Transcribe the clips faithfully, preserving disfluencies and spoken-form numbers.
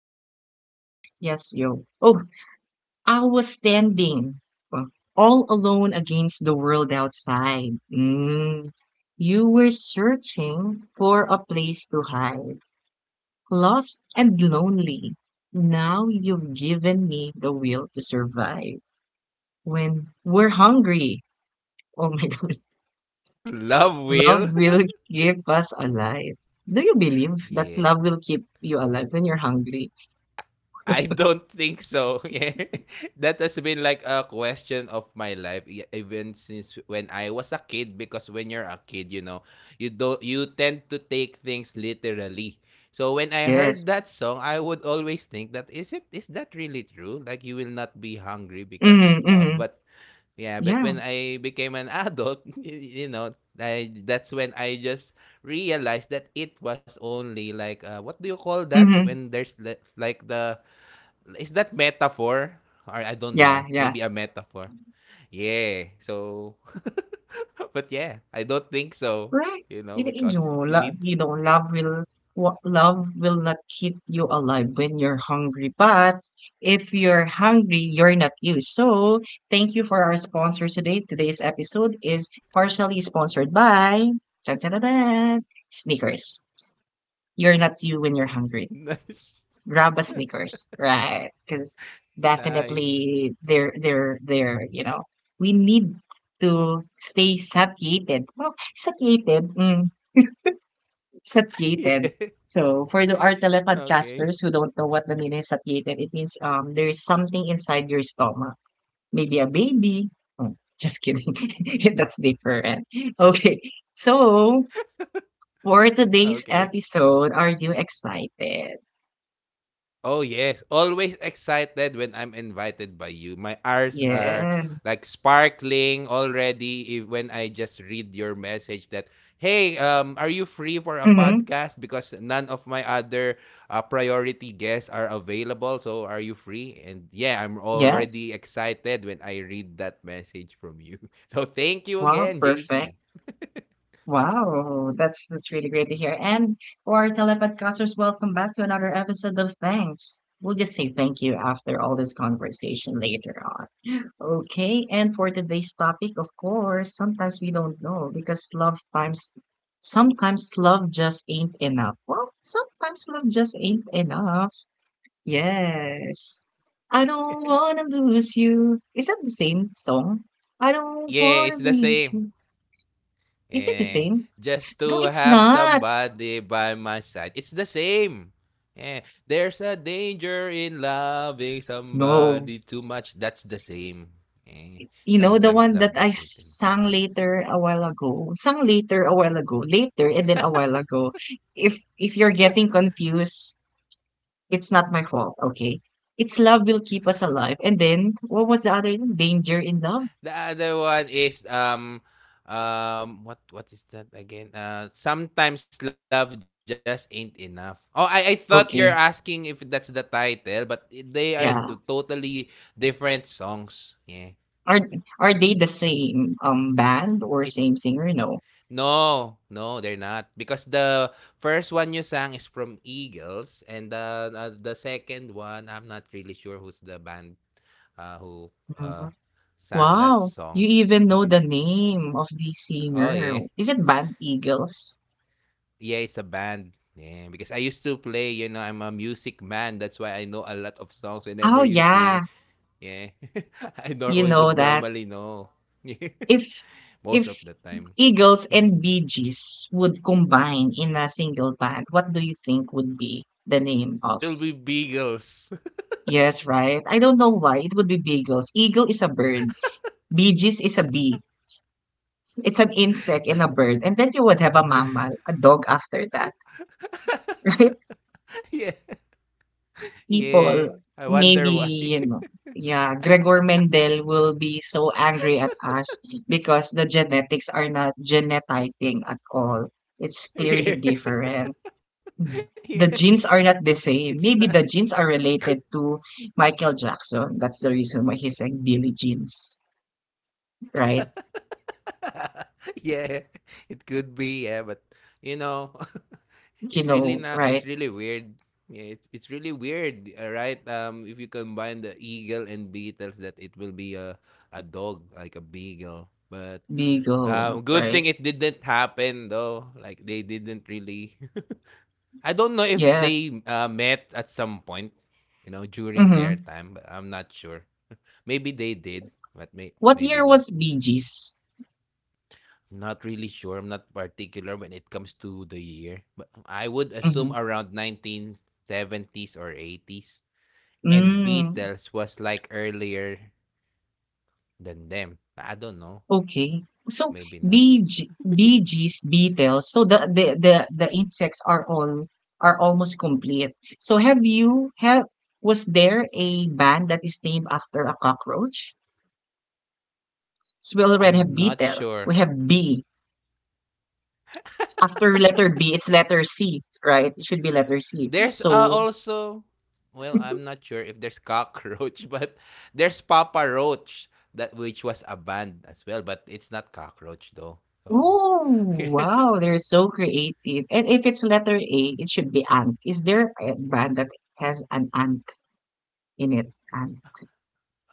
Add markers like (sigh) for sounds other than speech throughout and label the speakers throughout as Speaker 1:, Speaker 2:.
Speaker 1: yes, yo. Yes, yo. Oh, I was standing uh, all alone against the world outside. Mm. You were searching for a place to hide, lost and lonely. Now you've given me the will to survive. When we're hungry, oh my (laughs) goodness,
Speaker 2: Love
Speaker 1: love will
Speaker 2: will?
Speaker 1: keep us alive. Do you believe that
Speaker 2: Yeah.
Speaker 1: love will keep you alive when you're hungry?
Speaker 2: I don't think so. (laughs) Yeah. That has been like a question of my life e- even since when I was a kid because when you're a kid, you know, you don't you tend to take things literally. So when I
Speaker 1: Yes.
Speaker 2: heard that song, I would always think that is it is that really true? Like you will not be hungry because of
Speaker 1: Mm-hmm,
Speaker 2: love.
Speaker 1: mm-hmm.
Speaker 2: But yeah, but
Speaker 1: Yeah.
Speaker 2: when I became an adult, (laughs) you, you know, I that's when I just realized that it was only like uh, what do you call that when
Speaker 1: Hmm.
Speaker 2: there's the, like the, is that metaphor, or I don't know,
Speaker 1: Yeah,
Speaker 2: maybe
Speaker 1: yeah.
Speaker 2: a metaphor. Yeah. So (laughs) but yeah, I don't think so,
Speaker 1: Right.
Speaker 2: you know,
Speaker 1: You, you
Speaker 2: because
Speaker 1: know,
Speaker 2: you
Speaker 1: lo-
Speaker 2: need.
Speaker 1: you know,
Speaker 2: (laughs)
Speaker 1: love will, what love will not keep you alive when you're hungry. But if you're hungry, you're not you. So thank you for our sponsor today. Today's episode is partially sponsored by dun, dun, dun, dun, Sneakers. You're not you when you're hungry.
Speaker 2: Nice. (laughs)
Speaker 1: Grab a Snickers, right? Because
Speaker 2: Nice. (laughs)
Speaker 1: definitely they're they're they're you know we need to stay satiated. Well, satiated, mm,
Speaker 2: Yeah.
Speaker 1: satiated. So for the our
Speaker 2: Okay.
Speaker 1: telepodcasters who don't know what the meaning is satiated, it means um there is something inside your stomach, maybe a baby. Oh, just kidding, (laughs) that's different. Okay, so for today's
Speaker 2: Okay.
Speaker 1: episode, are you excited?
Speaker 2: Oh yes, always excited when I'm invited by you. My R's are
Speaker 1: Yeah.
Speaker 2: like sparkling already if, when I just read your message that, hey, um are you free for a
Speaker 1: Mm-hmm.
Speaker 2: podcast because none of my other uh, priority guests are available, so are you free? And yeah, I'm
Speaker 1: Yes.
Speaker 2: already excited when I read that message from you. (laughs) So thank you
Speaker 1: Wow,
Speaker 2: again,
Speaker 1: perfect.
Speaker 2: J P.
Speaker 1: Wow, that's that's really great to hear. And for our telepodcasters, welcome back to another episode of Thanks. We'll just say thank you after all this conversation later on. Okay, and for today's topic, of course, sometimes we don't know because love times, sometimes love just ain't enough. Well, sometimes love just ain't enough. Yes. I don't wanna lose you. Is that the same song? I don't
Speaker 2: Yeah,
Speaker 1: wanna
Speaker 2: the
Speaker 1: lose
Speaker 2: same.
Speaker 1: you. Is it the
Speaker 2: Yeah.
Speaker 1: same?
Speaker 2: Just
Speaker 1: No,
Speaker 2: to
Speaker 1: it's
Speaker 2: have
Speaker 1: not.
Speaker 2: somebody by my side. It's the same. Yeah. There's a danger in loving
Speaker 1: No.
Speaker 2: somebody too much. That's the same. Yeah.
Speaker 1: You know, the
Speaker 2: Sometimes
Speaker 1: one that I sang later a while ago. Sang later a while ago. Later and then a while ago. If if you're getting confused, it's not my fault, okay? It's love will keep us alive. And then what was the other one? Danger in love?
Speaker 2: the other one is um um what what is that again? Uh sometimes love just ain't enough. Oh, I I thought you're
Speaker 1: Okay.
Speaker 2: asking if that's the title, but they are
Speaker 1: Yeah.
Speaker 2: t- totally different songs. Yeah.
Speaker 1: Are are they the same um band or same
Speaker 2: It's.
Speaker 1: singer? No.
Speaker 2: No, no, they're not because the first one you sang is from Eagles, and the uh, the second one I'm not really sure who's the band, uh, who
Speaker 1: Mhm.
Speaker 2: uh, sang
Speaker 1: Wow.
Speaker 2: that
Speaker 1: You
Speaker 2: song.
Speaker 1: even know the name of the
Speaker 2: Oh
Speaker 1: singer.
Speaker 2: yeah,
Speaker 1: Is it Band Eagles?
Speaker 2: yeah, it's a band. Yeah, because I used to play. You know, I'm a music man. That's why I know a lot of songs. Whenever
Speaker 1: Oh
Speaker 2: you sing,
Speaker 1: yeah.
Speaker 2: yeah, (laughs) I nor I
Speaker 1: You
Speaker 2: would
Speaker 1: know that.
Speaker 2: normally know. (laughs) Yeah,
Speaker 1: If
Speaker 2: most
Speaker 1: if
Speaker 2: of the time
Speaker 1: Eagles and Bee Gees would combine in a single band, what do you think would be the name
Speaker 2: it
Speaker 1: of?
Speaker 2: will be Beagles.
Speaker 1: Yes, right. I don't know why it would be Beagles. Eagle is a bird. Bee Gees is a bee. It's an insect and a bird, and then you would have a mammal, a dog after that, (laughs)
Speaker 2: (laughs)
Speaker 1: right?
Speaker 2: Yeah, yeah.
Speaker 1: People,
Speaker 2: I
Speaker 1: maybe,
Speaker 2: wonder why.
Speaker 1: you know, yeah. Gregor Mendel will be so angry at us because the genetics are not genotyping at all. It's clearly
Speaker 2: Yeah,
Speaker 1: different.
Speaker 2: (laughs)
Speaker 1: Mm.
Speaker 2: yeah,
Speaker 1: The genes are not the
Speaker 2: it's
Speaker 1: same.
Speaker 2: not.
Speaker 1: Maybe the genes are related to Michael Jackson. That's the reason why he's like Billy Jeans, right?
Speaker 2: (laughs) Yeah, it could be. Yeah, but you know, (laughs)
Speaker 1: You
Speaker 2: it's really
Speaker 1: know,
Speaker 2: not. It's
Speaker 1: right?
Speaker 2: really weird. Yeah, it's it's really weird. All right. Um, if you combine the eagle and beetles, that it will be a a dog like a beagle. But
Speaker 1: Beagle,
Speaker 2: um, good
Speaker 1: right?
Speaker 2: thing it didn't happen though. Like they didn't really. (laughs) I don't know if
Speaker 1: Yes.
Speaker 2: they uh, met at some point. You know, during their
Speaker 1: Mm-hmm.
Speaker 2: time. I'm not sure. Maybe they did, but may
Speaker 1: What
Speaker 2: maybe
Speaker 1: year
Speaker 2: not.
Speaker 1: was Bee Gees?
Speaker 2: Not really sure. I'm not particular when it comes to the year, but I would assume
Speaker 1: Mm-hmm.
Speaker 2: around nineteen seventies or eighties. And
Speaker 1: Mm,
Speaker 2: Beatles was like earlier than them. I don't know.
Speaker 1: okay. So
Speaker 2: Maybe not.
Speaker 1: Bee, Ge- Bee Gees, Beatles. So the, the the the insects are all, are almost complete. So have you have, was there a band that is named after a cockroach? So we already have
Speaker 2: I'm not
Speaker 1: beetle. We
Speaker 2: sure.
Speaker 1: have B. After letter B, it's letter C, right? It should be letter C.
Speaker 2: There's uh,
Speaker 1: So,
Speaker 2: also, well, I'm not sure if there's cockroach, (laughs) but there's Papa Roach that which was a band as well, but it's not cockroach though. So,
Speaker 1: oh,
Speaker 2: (laughs)
Speaker 1: wow, they're so creative. And if it's letter A, it should be ant. Is there a brand that has an ant in it? Ant.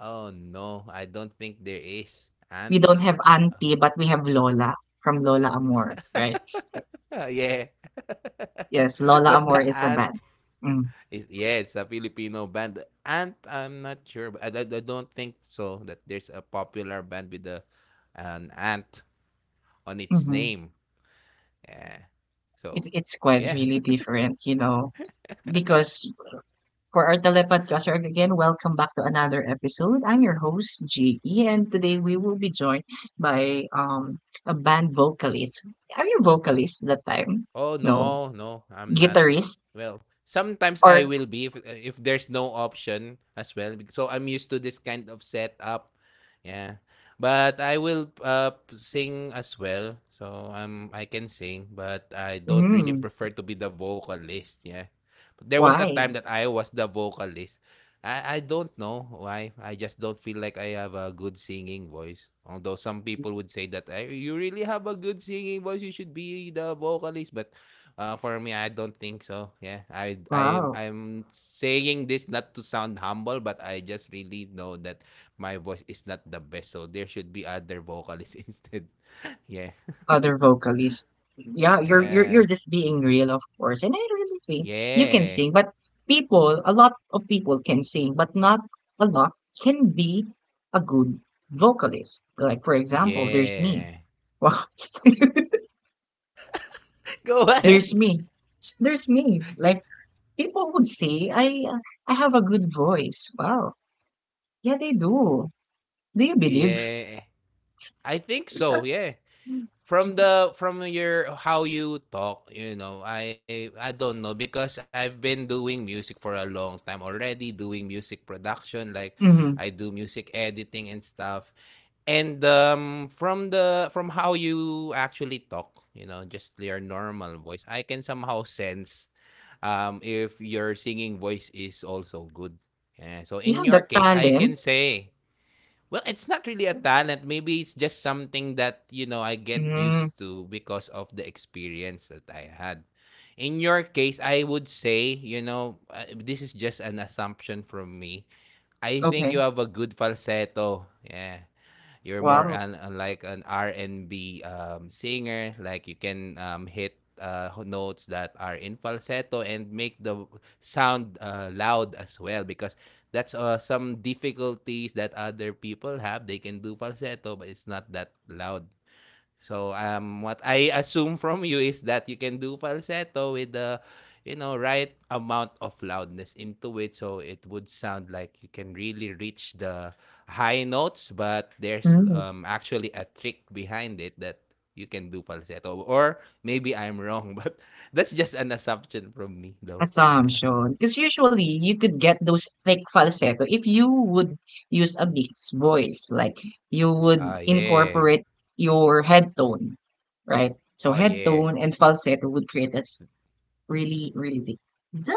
Speaker 2: oh no, I don't think there is.
Speaker 1: We don't
Speaker 2: Ant.
Speaker 1: have auntie, but we have Lola from Lola Amor, right?
Speaker 2: Oh, yeah.
Speaker 1: Yes,
Speaker 2: (laughs)
Speaker 1: Lola
Speaker 2: But
Speaker 1: Amor
Speaker 2: the
Speaker 1: is a
Speaker 2: Ant
Speaker 1: band. Mm.
Speaker 2: is, yeah. It's a Filipino band. The Ant, I'm not sure, but I, I, I don't think so that there's a popular band with a, an ant on its
Speaker 1: Hmm.
Speaker 2: name. Yeah. So,
Speaker 1: It's it's quite
Speaker 2: yeah.
Speaker 1: really different, you know, because, for our telepodcaster again, welcome back to another episode. I'm your host, Ge, and today we will be joined by um a band vocalist. Are you vocalist that time?
Speaker 2: Oh,
Speaker 1: No.
Speaker 2: no, no, I'm not.
Speaker 1: Guitarist?
Speaker 2: Well, sometimes I
Speaker 1: Or
Speaker 2: will be if if there's no option as well. bec- So I'm used to this kind of setup. Yeah. But I will uh sing as well. So um I can sing, but I don't really
Speaker 1: mm,
Speaker 2: prefer to be the vocalist. Yeah. There was a time
Speaker 1: why?
Speaker 2: that I was the vocalist. I I don't know why. I just don't feel like I have a good singing voice. Although some people would say that, "Ay, you really have a good singing voice, you should be the vocalist." But uh, for me, I don't think so. Yeah, I I
Speaker 1: Wow.
Speaker 2: I'm saying this not to sound humble, but I just really know that my voice is not the best. So there should be other vocalists (laughs) instead. Yeah.
Speaker 1: Other
Speaker 2: (laughs)
Speaker 1: vocalist. Yeah, you're you're
Speaker 2: Yeah.
Speaker 1: you're just being real, of course. And I really think you can
Speaker 2: Yeah.
Speaker 1: sing, but people, a lot of people can sing, but not a lot can be a good vocalist. Like for example, there's me.
Speaker 2: Yeah.
Speaker 1: Wow.
Speaker 2: (laughs) Go
Speaker 1: (laughs)
Speaker 2: ahead.
Speaker 1: There's me. There's me. Like people would say I, uh, I have a good voice. Wow. Yeah, they do. Do you believe?
Speaker 2: Yeah. I think so.
Speaker 1: (laughs)
Speaker 2: Yeah. From the from your how you talk, you know, I I don't know because I've been doing music for a long time already, doing music production like
Speaker 1: Hmm.
Speaker 2: I do music editing and stuff. And um from the from how you actually talk, you know, just your normal voice, I can somehow sense um if your singing voice is also good. Yeah, so
Speaker 1: You
Speaker 2: in
Speaker 1: have
Speaker 2: your
Speaker 1: the
Speaker 2: case, I can
Speaker 1: talent.
Speaker 2: say, well, it's not really a talent. Maybe it's just something that, you know, I get
Speaker 1: Mm,
Speaker 2: used to because of the experience that I had. In your case, I would say, you know, uh, this is just an assumption from me. I think you
Speaker 1: okay.
Speaker 2: have a good falsetto. Yeah. You're more
Speaker 1: Wow.
Speaker 2: an, an like an R and B um, singer. Like you can um, hit uh, ho- notes that are in falsetto and make the sound uh, loud as well because that's uh, some difficulties that other people have. They can do falsetto, but it's not that loud. So um, what I assume from you is that you can do falsetto with the, you know, right amount of loudness into it, so it would sound like you can really reach the high notes. But there's
Speaker 1: Mm,
Speaker 2: um, actually a trick behind it that you can do falsetto, or maybe I'm wrong, (laughs) but that's just an assumption from me, though.
Speaker 1: assumption. Because usually you could get those thick falsetto if you would use a mixed voice. Like you would
Speaker 2: Ah yeah,
Speaker 1: incorporate your head tone, right? So
Speaker 2: oh
Speaker 1: head
Speaker 2: yeah,
Speaker 1: tone and falsetto would create a really really big Zah!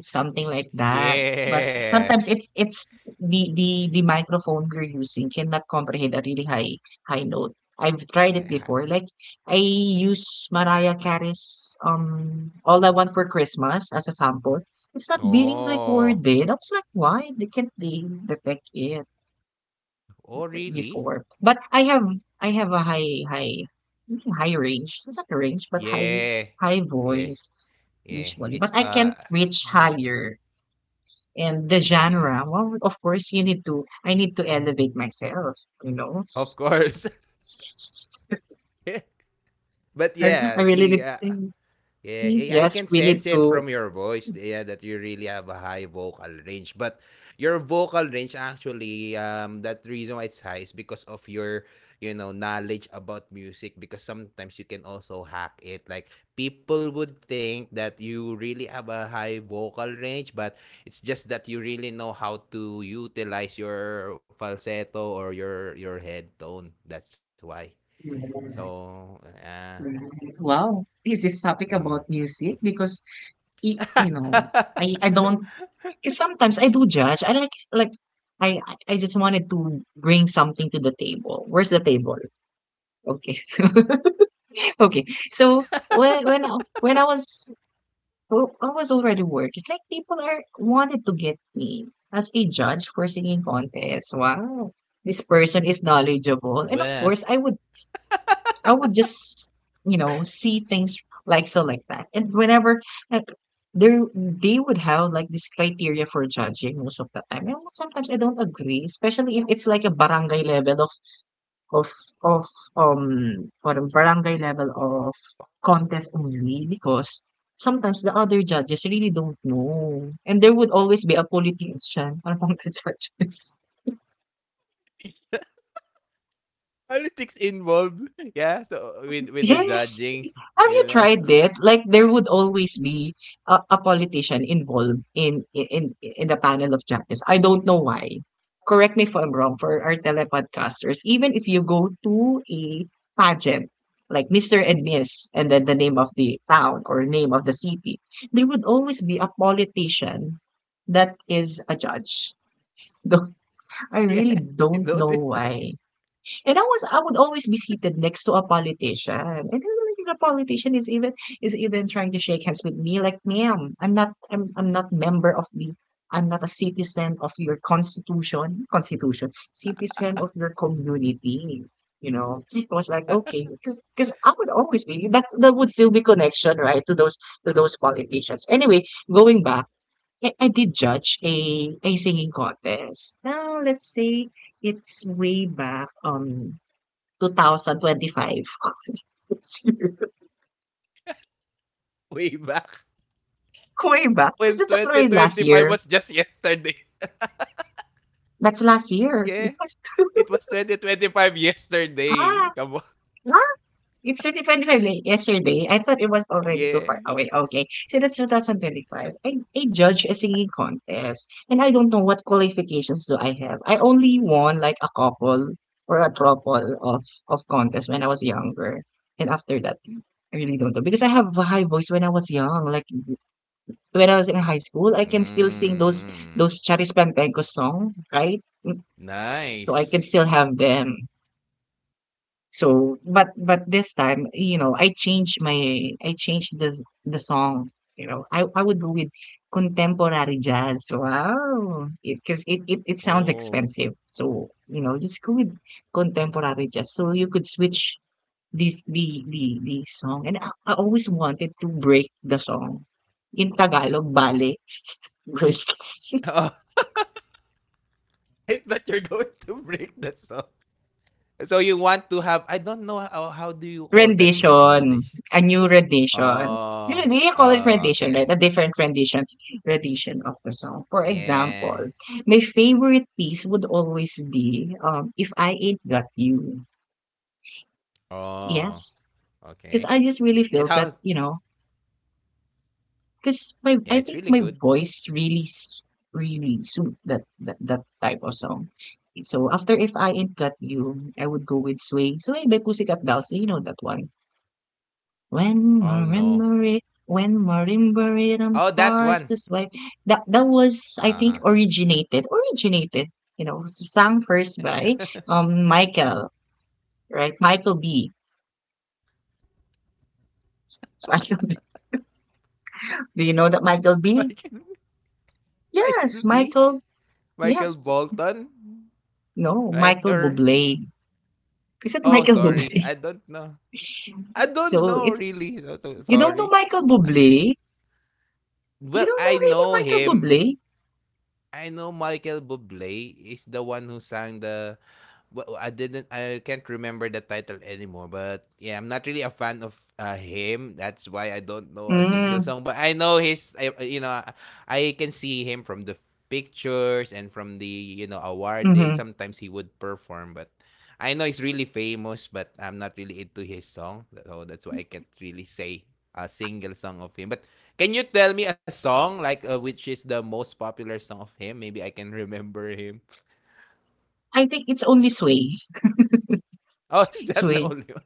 Speaker 1: Something like that, but
Speaker 2: yeah.
Speaker 1: sometimes it's it's the the the microphone we're using cannot comprehend a really high high note. I've
Speaker 2: (laughs)
Speaker 1: tried
Speaker 2: I-
Speaker 1: it before. Like I use Mariah Carey's um All I Want for Christmas as a sample. It's not being
Speaker 2: Oh,
Speaker 1: recorded. I was like, why they can't, they detect it
Speaker 2: oh really?
Speaker 1: before. But I have, I have a high high high range. It's not a range, but high
Speaker 2: Yeah.
Speaker 1: high
Speaker 2: Yeah.
Speaker 1: voice,
Speaker 2: Yeah,
Speaker 1: usually.
Speaker 2: it's
Speaker 1: But I
Speaker 2: uh
Speaker 1: can't reach
Speaker 2: (laughs)
Speaker 1: higher. And the
Speaker 2: yeah,
Speaker 1: genre, well, of course, you need to. I need to elevate myself. You know,
Speaker 2: of course. (laughs) But
Speaker 1: I, I
Speaker 2: yeah,
Speaker 1: really
Speaker 2: she.
Speaker 1: need. To,
Speaker 2: Yeah, eh, I
Speaker 1: yes,
Speaker 2: can
Speaker 1: we need
Speaker 2: sense it
Speaker 1: to.
Speaker 2: from your voice, yeah, that you really have a high vocal range. But your vocal range actually, um, that reason why it's high is because of your, you know, knowledge about music. Because sometimes you can also hack it. Like people would think that you really have a high vocal range, but it's just that you really know how to utilize your falsetto or your your head tone. That's why. So, uh,
Speaker 1: Wow, this
Speaker 2: mm.
Speaker 1: is topic about music because it, you
Speaker 2: (laughs)
Speaker 1: know, I I don't. If sometimes I do judge. I like like I I I just wanted to bring something to the table. Where's the table? Okay. (laughs) Okay. So when when I- when I was, well, I was already working, like people are wanted to get me as a judge for singing contest. Wow. This person is knowledgeable.
Speaker 2: Well.
Speaker 1: And of course, I would, I would just, you know, see things like so like that. And whenever uh, there, they would have like this criteria for judging most of the time. And sometimes I don't agree, especially if it's like a barangay level of of of um or a barangay level of contest only because sometimes the other judges really don't know. And there would always be a politician (laughs) among the judges.
Speaker 2: Politics involved. Yeah, so with with the
Speaker 1: Yes.
Speaker 2: judging,
Speaker 1: Have you
Speaker 2: you know.
Speaker 1: tried
Speaker 2: (laughs)
Speaker 1: it? Like there would always be a, a politician involved in in in the panel of judges. I don't know why. Correct me if I'm wrong for our telepodcasters. Even if you go to a pageant, like mister and Miss, and then the name of the town or name of the city, there would always be a politician that is a judge. (laughs) Though I
Speaker 2: Yeah,
Speaker 1: really
Speaker 2: you
Speaker 1: don't know
Speaker 2: noticed that
Speaker 1: why. And I was, I would always be seated next to a politician. And then like, the politician is even is even trying to shake hands with me like, ma'am, I'm not, I'm I'm not member of the, I'm not a citizen of your constitution, constitution, citizen of your community. You know, it was like okay, because because I would always be that, that would still be connection, right, to those, to those politicians. Anyway, going back, I, I did judge a a singing contest. Now let's say it's way back. Um, two thousand twenty-five.
Speaker 2: way back
Speaker 1: Kumay ba? (laughs) Because
Speaker 2: when
Speaker 1: that's already last
Speaker 2: twenty twenty-five
Speaker 1: year.
Speaker 2: was just yesterday. (laughs)
Speaker 1: That's last year. It's
Speaker 2: Yeah,
Speaker 1: like, (laughs)
Speaker 2: it was twenty twenty-five
Speaker 1: ah,
Speaker 2: yesterday. Come on.
Speaker 1: what? It's twenty twenty-five like yesterday. I thought it was already too far
Speaker 2: Yeah.
Speaker 1: away. Okay. So that's twenty twenty-five. I, I judge a singing contest. And I don't know what qualifications do I have. I only won like a couple or a couple of, of contests when I was younger. And after that, I really don't know. Because I have a high voice when I was young. Like when I was in high school, I can still sing those
Speaker 2: Mm,
Speaker 1: those Charis Pampegos song, right? Mm, so I can
Speaker 2: nice.
Speaker 1: still have them. So, but but this time, you know, I changed my, I changed the the song. You know, I I would go with contemporary jazz. Wow, because it, 'cause it, it it sounds
Speaker 2: Oh.
Speaker 1: expensive. So you know, just go with contemporary jazz. So you could switch the, the the, the song, and I, I always wanted to break the song in Tagalog, bale. (laughs) Break.
Speaker 2: (laughs) Oh. I thought you're going to break the song. So you want to have, I don't know, how how do you call that in English?
Speaker 1: Rendition, a new rendition. You
Speaker 2: Oh.
Speaker 1: know, you call it
Speaker 2: Oh,
Speaker 1: rendition, right?
Speaker 2: okay.
Speaker 1: A different rendition, rendition of the song. For example,
Speaker 2: Yeah.
Speaker 1: my favorite piece would always be um, "If I Ain't Got You."
Speaker 2: Oh,
Speaker 1: Yes,
Speaker 2: okay.
Speaker 1: because I just really
Speaker 2: And
Speaker 1: feel
Speaker 2: how
Speaker 1: that, you know, because my,
Speaker 2: yeah,
Speaker 1: I
Speaker 2: it's really
Speaker 1: think my
Speaker 2: good.
Speaker 1: voice really s- really suit that, that that type of song. So after "If I Ain't Got You," I would go with "Sway Sway" by Pussycat Dolls. So, you know that one. When,
Speaker 2: Oh no.
Speaker 1: remember when
Speaker 2: Oh
Speaker 1: marimbaridum
Speaker 2: that one.
Speaker 1: stars this way. That, that was, I
Speaker 2: Uh-huh.
Speaker 1: think, originated, originated, you know, s- sung first by um Michael, right, Michael B. (laughs) Michael B. Do you know that Michael B?
Speaker 2: (laughs) Michael, Michael
Speaker 1: Yes,
Speaker 2: B?
Speaker 1: Michael.
Speaker 2: Michael
Speaker 1: Yes,
Speaker 2: Bolton?
Speaker 1: no,
Speaker 2: Right?
Speaker 1: Michael
Speaker 2: Or
Speaker 1: Bublé. Is it
Speaker 2: oh
Speaker 1: Michael
Speaker 2: sorry.
Speaker 1: Bublé?
Speaker 2: I don't know. I
Speaker 1: (laughs)
Speaker 2: don't
Speaker 1: so
Speaker 2: know
Speaker 1: it's,
Speaker 2: really. So- so-
Speaker 1: you don't know
Speaker 2: Sorry.
Speaker 1: Michael Bublé. You
Speaker 2: Well,
Speaker 1: don't
Speaker 2: I
Speaker 1: know really
Speaker 2: know
Speaker 1: Michael
Speaker 2: him.
Speaker 1: Bublé.
Speaker 2: I know Michael Bublé is the one who sang the, well, I didn't. I can't remember the title anymore. But yeah, I'm not really a fan of uh, him. That's why I don't know a single
Speaker 1: Mm,
Speaker 2: song. But I know his. I, uh, you know, I can see him from the pictures and from the, you know, awarding.
Speaker 1: hmm.
Speaker 2: Sometimes he would perform, but I know he's really famous. But I'm not really into his song, so that's why I can't really say a single song of him. But can you tell me a song like, uh, which is the most popular song of him? Maybe I can remember him. (laughs)
Speaker 1: I think it's only Sway.
Speaker 2: Oh, is
Speaker 1: (laughs)
Speaker 2: that the
Speaker 1: Sway.
Speaker 2: only one?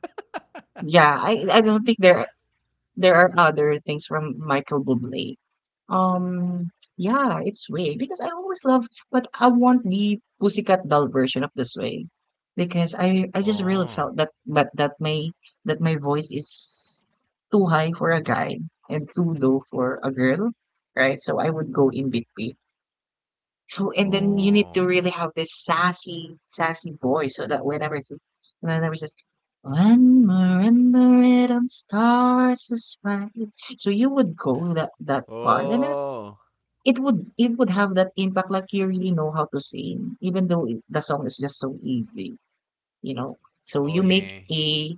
Speaker 1: Yeah, I I don't think there there are other things from Michael Bublé. Um, yeah, it's Way because I always love, but I want the Pussycat Doll version of this Way because I I just really
Speaker 2: Oh.
Speaker 1: felt that but that my, that my voice is too high for a guy and too low for a girl, right? So I would go in between. So and then you need
Speaker 2: Oh.
Speaker 1: to really have this sassy, sassy voice so that whenever it whenever it says when remember it on stars is bright. So you would go that that part, and then
Speaker 2: Oh.
Speaker 1: it would it would have that impact, like you really know how to sing, even though it, the song is just so easy, you know. So
Speaker 2: Oh,
Speaker 1: you make
Speaker 2: yeah.
Speaker 1: a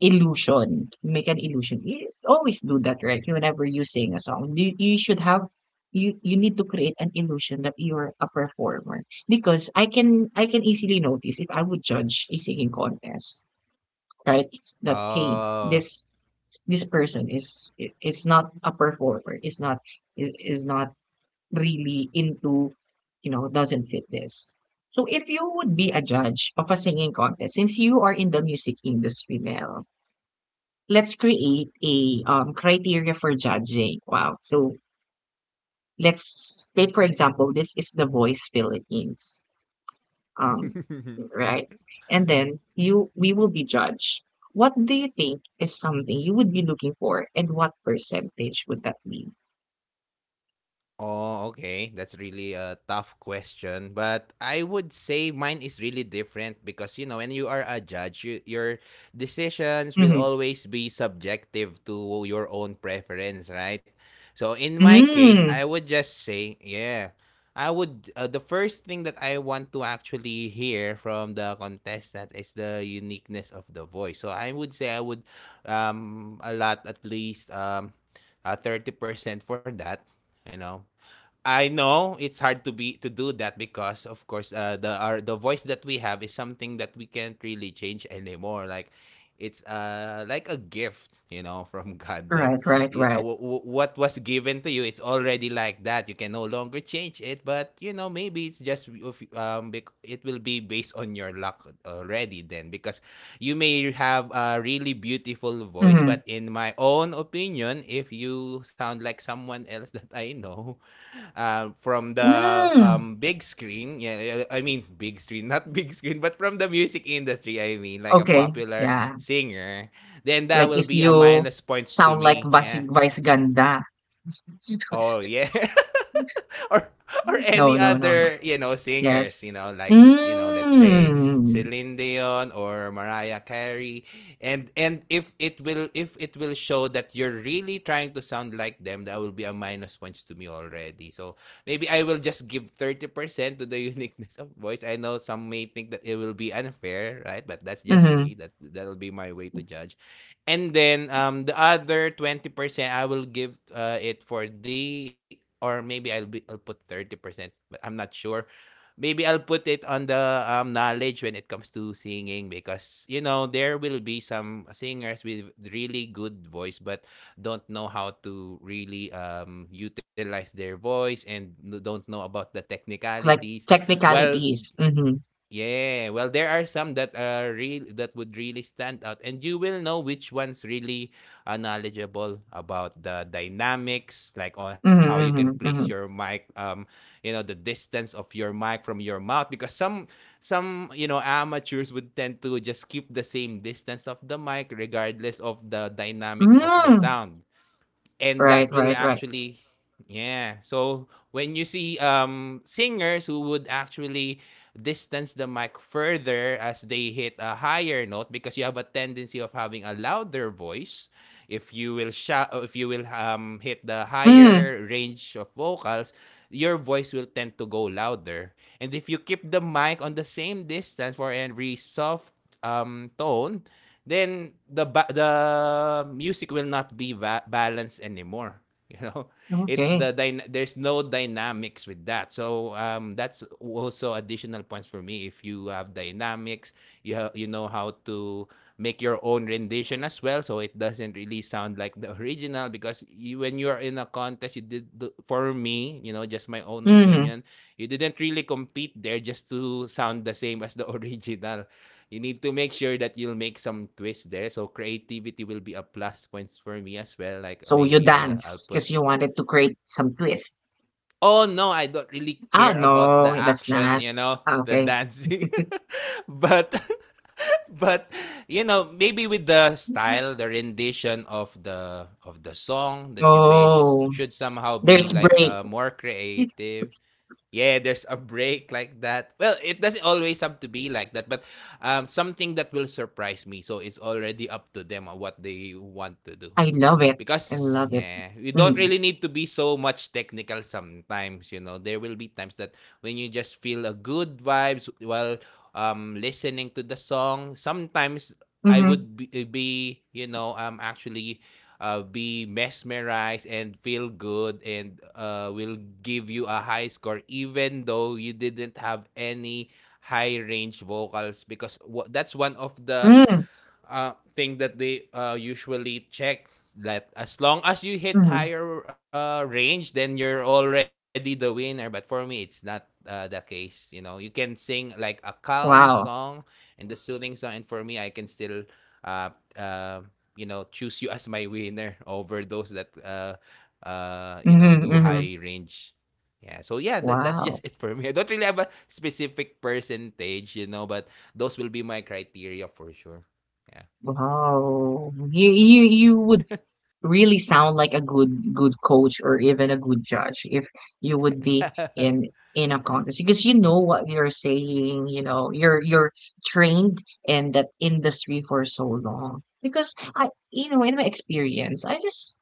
Speaker 1: illusion, you make an illusion. You always do that, right? Whenever you sing a song, you, you should have you you need to create an illusion that you're a performer, because i can i can easily notice if I would judge a singing contest, right? That hey,
Speaker 2: Oh.
Speaker 1: this this person is is not a performer, is not is, is not really into, you know, doesn't fit this. So if you would be a judge of a singing contest, since you are in the music industry, Mel, let's create a um, criteria for judging. Wow. So let's take, for example, this is the Voice Philippines, um,
Speaker 2: (laughs)
Speaker 1: right? And then you we will be judged. What do you think is something you would be looking for, and what percentage would that be?
Speaker 2: Oh, okay. That's really a tough question, but I would say mine is really different because you know when you are a judge, you, your decisions will
Speaker 1: Mm-hmm.
Speaker 2: always be subjective to your own preference, right? So in my case,
Speaker 1: Mm,
Speaker 2: I would just say, yeah, I would. Uh, the first thing that I want to actually hear from the contestant is the uniqueness of the voice. So I would say I would um a lot, at least um uh, thirty percent for that. You know, I know it's hard to be to do that because of course uh, the our the voice that we have is something that we can't really change anymore. Like it's uh like a gift, you know, (laughs) from God that
Speaker 1: right, right,
Speaker 2: y- uh,
Speaker 1: right.
Speaker 2: wh- wh- what was given to you, it's already like that, you can no longer change it, but you know maybe it's just of- um bec- it will be based on your luck already then because you may have a really beautiful voice
Speaker 1: Mm-hmm.
Speaker 2: but in my own opinion if you sound like someone else (laughs) that I know uh from the
Speaker 1: Mm-hmm.
Speaker 2: um, big screen. Yeah, I I mean big screen, (laughs) not big screen, but from the music industry. I mean, like a
Speaker 1: Okay,
Speaker 2: popular
Speaker 1: yeah.
Speaker 2: singer. Then that
Speaker 1: Like
Speaker 2: will
Speaker 1: if
Speaker 2: be a
Speaker 1: you
Speaker 2: minus points to
Speaker 1: sound like
Speaker 2: me.
Speaker 1: Vasig
Speaker 2: Yeah.
Speaker 1: Vice Ganda.
Speaker 2: Oh,
Speaker 1: (laughs)
Speaker 2: yeah. (laughs) Or or
Speaker 1: No,
Speaker 2: any
Speaker 1: no, no,
Speaker 2: other,
Speaker 1: no.
Speaker 2: you know, singers,
Speaker 1: Yes.
Speaker 2: you know, like, you know, let's
Speaker 1: Mm.
Speaker 2: Dion or Mariah Carey and and if it will if it will show that you're really trying to sound like them, that will be a minus points to me already. So maybe I will just give thirty percent to the (laughs) uniqueness of voice. I know some may think that it will be unfair, right, but that's just
Speaker 1: Mm-hmm.
Speaker 2: me. That's be my way to judge. And then um the other twenty percent I will give uh, it for the, or maybe I'll be I'll put thirty percent, but I'm not sure. Maybe I'll put it on the um, knowledge when it comes to singing, because you know there will be some singers with really good voice but don't know how to really um, utilize their voice and n- don't know about the
Speaker 1: Like
Speaker 2: technicalities. Well,
Speaker 1: technicalities. Mm-hmm.
Speaker 2: yeah, well, there are some that are real that would really stand out, and you will know which one's really uh, knowledgeable about the dynamics, like on how you can place
Speaker 1: Mm-hmm.
Speaker 2: your
Speaker 1: Mm-hmm.
Speaker 2: mic, um, you know, the distance of your mic from your mouth, because some some, you know, amateurs would tend to just keep the same distance of the mic regardless of the dynamics
Speaker 1: Mm-hmm.
Speaker 2: of the
Speaker 1: Mm.
Speaker 2: sound. And that
Speaker 1: Right,
Speaker 2: will
Speaker 1: right, right.
Speaker 2: actually, yeah, so when you see um singers who would actually distance the mic further as they hit a higher note, because you have a tendency of having a louder voice. If you will shout, if you will um hit the
Speaker 1: Mm.
Speaker 2: higher range of vocals, your voice will tend to go louder. And if you keep the mic on the same distance, for every soft um tone, then the ba- the music will not be va- balanced anymore. (laughs) You know, it the
Speaker 1: Okay.
Speaker 2: dyna- there's no dynamics with that. So um, that's also additional points for me. If you have dynamics, you ha- you know how to make your own rendition as well, so it doesn't really sound like the (laughs) original. Because you, when you are in a contest, you did the- for me, you know, just my own
Speaker 1: Mm.
Speaker 2: opinion, you didn't really compete there just to sound the same as the (laughs) original. You need to make sure that you'll make some twist there. So creativity will be a plus points for me as well. Like uh,
Speaker 1: So you
Speaker 2: maybe uh, I'll
Speaker 1: dance
Speaker 2: put,
Speaker 1: because you wanted to create some twist.
Speaker 2: oh no, I don't really
Speaker 1: Ah,
Speaker 2: care about the
Speaker 1: no, that's
Speaker 2: action,
Speaker 1: not.
Speaker 2: you know,
Speaker 1: Ah,
Speaker 2: the
Speaker 1: okay.
Speaker 2: dancing,
Speaker 1: (laughs)
Speaker 2: (laughs) but (laughs) but you know maybe with the style, the rendition of the of the song that you made s-
Speaker 1: Oh,
Speaker 2: should somehow be
Speaker 1: there's
Speaker 2: like
Speaker 1: break.
Speaker 2: uh, more creative.
Speaker 1: (laughs)
Speaker 2: Yeah, there's a break like that. Well, it doesn't always have to be like that, but um, something that will surprise me. So it's already up to them on what they want to do.
Speaker 1: I love it. I
Speaker 2: Because
Speaker 1: love it.
Speaker 2: yeah, you don't
Speaker 1: Mm.
Speaker 2: really need to be so much technical sometimes, you know. There will be times that when you just feel a good vibes while um listening to the song. Sometimes I
Speaker 1: Mhm.
Speaker 2: would be, eh, be you know, um actually uh, be mesmerized and feel good, and uh, will give you a high score even though you didn't have any high range vocals. Because wha- that's one of the
Speaker 1: Mm.
Speaker 2: uh, thing that they uh, usually check, that as long as you hit
Speaker 1: Mhm.
Speaker 2: higher uh, range then you're already the winner. But for me it's not uh, the case. You know, you can sing like a calm song
Speaker 1: Wow.
Speaker 2: and the soothing song, and for me I can still uh, uh, you know, choose you as my winner over those that uh, uh, you know, do
Speaker 1: Mhm,
Speaker 2: high
Speaker 1: mhm.
Speaker 2: range. Yeah, so yeah, that, that's just it
Speaker 1: Wow.
Speaker 2: for me. I don't really have a specific percentage, you know, but those will be my criteria for sure. Yeah.
Speaker 1: Wow. You you you would really sound like a good good coach or even a good judge if you would be
Speaker 2: (laughs)
Speaker 1: in in a contest, because you know what you're saying, you know, you're you're trained in that industry for so long. Because I, you know, in my experience, I just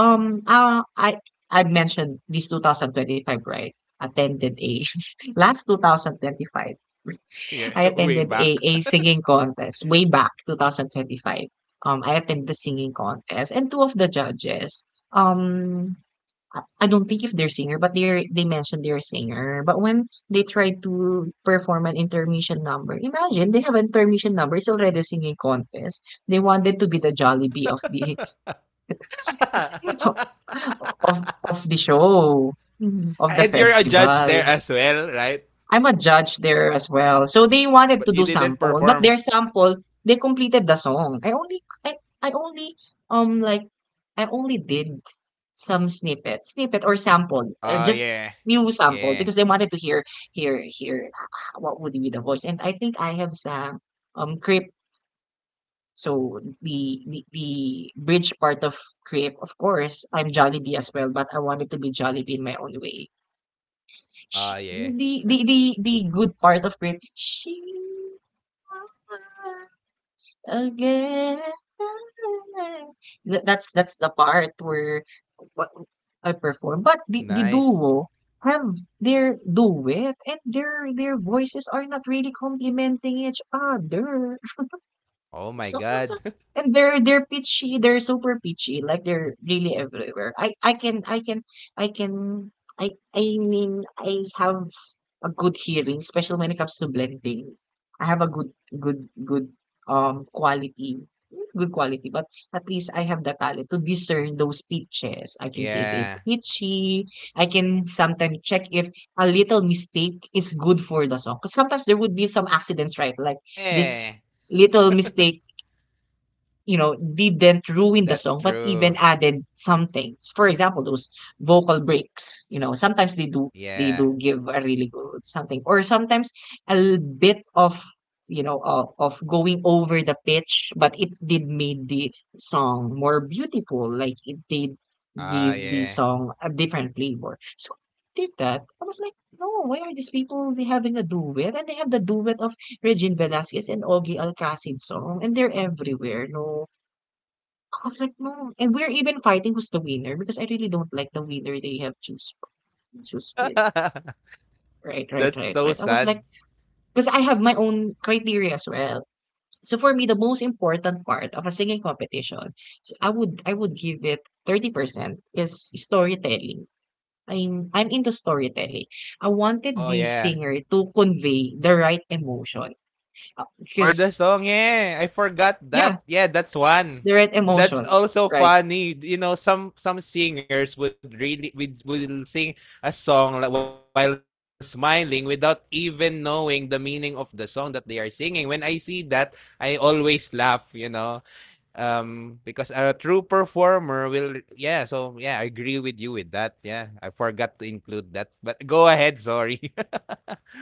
Speaker 1: Um, uh, I I mentioned this two thousand twenty-five, right? Attended a (laughs) last twenty twenty-five.
Speaker 2: Yeah,
Speaker 1: I
Speaker 2: (laughs) way
Speaker 1: attended a,
Speaker 2: back.
Speaker 1: a singing contest way back twenty twenty-five. Um, I attended the singing contest, and two of the judges. Um, I I don't think if they're singer, but they they mentioned they're singer. But when they tried to perform an intermission number, imagine they have an intermission number. It's already a singing contest. They wanted to be the Jollibee of the (laughs)
Speaker 2: (laughs)
Speaker 1: of of the show, mhm, of the
Speaker 2: And you're a judge there
Speaker 1: festival.
Speaker 2: as well, right?
Speaker 1: I'm a judge there as well. So they wanted
Speaker 2: But
Speaker 1: to
Speaker 2: you
Speaker 1: do
Speaker 2: didn't
Speaker 1: sample, but
Speaker 2: perform.
Speaker 1: their sample, they completed the song. I only I I only um like I only did some snippet, snippet or sample,
Speaker 2: Oh,
Speaker 1: or
Speaker 2: yeah.
Speaker 1: just few
Speaker 2: Yeah.
Speaker 1: sample, because they wanted to hear hear hear ah, what would be the voice. And I think I have sang um Creep, so the the, the bridge part of crepe. Of course, I'm Jollibee as well, but I wanted to be Jollibee in my own way.
Speaker 2: Oh,
Speaker 1: Sh
Speaker 2: yeah.
Speaker 1: the, the the the good part of crepe, she again. Th- That's that's the part where what I perform. But the, the
Speaker 2: Nice.
Speaker 1: duo have their duet, and their their voices are not really complementing each other.
Speaker 2: Oh, my
Speaker 1: So so-
Speaker 2: God. (laughs)
Speaker 1: and they're they're pitchy. They're super pitchy. Like they're really everywhere. I I can I can I can I I mean I have a good hearing, especially when it comes to blending. I have a good good good um quality, good quality, but at least I have the talent to discern those pitches. I can see if it's
Speaker 2: Yeah.
Speaker 1: pitchy. I can sometimes check if a little mistake is good for the song, because sometimes there would be some accidents, right? Like this
Speaker 2: Yeah.
Speaker 1: little mistake, you know, didn't ruin the
Speaker 2: That's
Speaker 1: song, but
Speaker 2: true.
Speaker 1: even added something. For example, those vocal breaks. You know, sometimes they do they
Speaker 2: Yeah.
Speaker 1: do give a really good something, or sometimes a l- bit of, you know, of, of going over the pitch, but it did made the song more beautiful. Like it did
Speaker 2: Ah,
Speaker 1: give the
Speaker 2: yeah.
Speaker 1: song a different flavor. So I did that. I was like, no, why are these people they having a duet, and they have the duet of Regine Velasquez and Ogie Alcacin's song, and they're everywhere, no? I was like, no. And we're even fighting who's the winner, because I really don't like the winner they have choose choose with.
Speaker 2: (laughs)
Speaker 1: Right, right,
Speaker 2: That's
Speaker 1: right,
Speaker 2: so
Speaker 1: right. I was
Speaker 2: sad.
Speaker 1: like, because I have my own criteria as well. So for me, the most important part of a singing competition, so I would I would give it thirty percent is storytelling. I'm I'm into storytelling. I wanted
Speaker 2: Oh,
Speaker 1: the
Speaker 2: yeah.
Speaker 1: singer to convey the right emotion
Speaker 2: For the
Speaker 1: because
Speaker 2: song, yeah. I forgot
Speaker 1: yeah.
Speaker 2: that. Yeah, that's one.
Speaker 1: The right
Speaker 2: That's
Speaker 1: emotion,
Speaker 2: also
Speaker 1: right?
Speaker 2: funny. You know, some some singers would really would, would sing a song li- while smiling without even knowing the meaning of the song that they are singing. When I see that, I always laugh, you know. Um because a true performer will, yeah, so yeah, I agree with you with that. Yeah. I forgot to include that. But go ahead, sorry.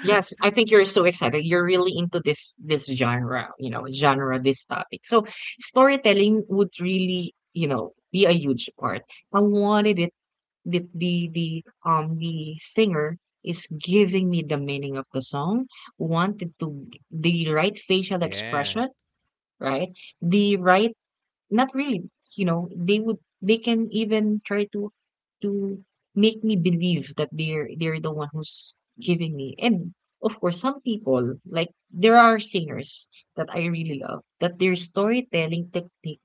Speaker 1: Yes, I think you're so excited. You're really into this this genre, you know, genre, this topic. So storytelling would really, you know, be a huge part. I wanted it the the the um the singer is giving me the meaning of the song, wanted to g- the right facial
Speaker 2: (laughs) Yeah.
Speaker 1: expression, right? The right. Not really. You know, they would they can even try to to make me believe that they're they're the one who's giving me. And of course, some people, like there are singers that I really love, that their storytelling technique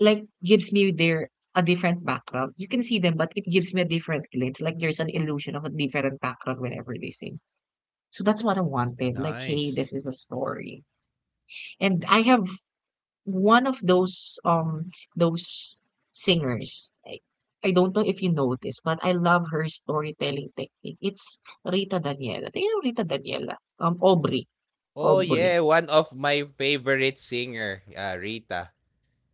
Speaker 1: like gives me their a different background. You can see them, but it gives me a different glimpse. Like there's an illusion of a different background whenever they sing. So that's what I wanted. Like, hey,
Speaker 2: Nice.
Speaker 1: this is a story. And I have one of those, um, those singers, I I don't know if you know this, but I love her storytelling technique. It's Rita Daniela. Do you know Rita Daniela? Um, Aubrey.
Speaker 2: Oh
Speaker 1: Aubrey.
Speaker 2: yeah, one of my favorite singer, uh, Rita.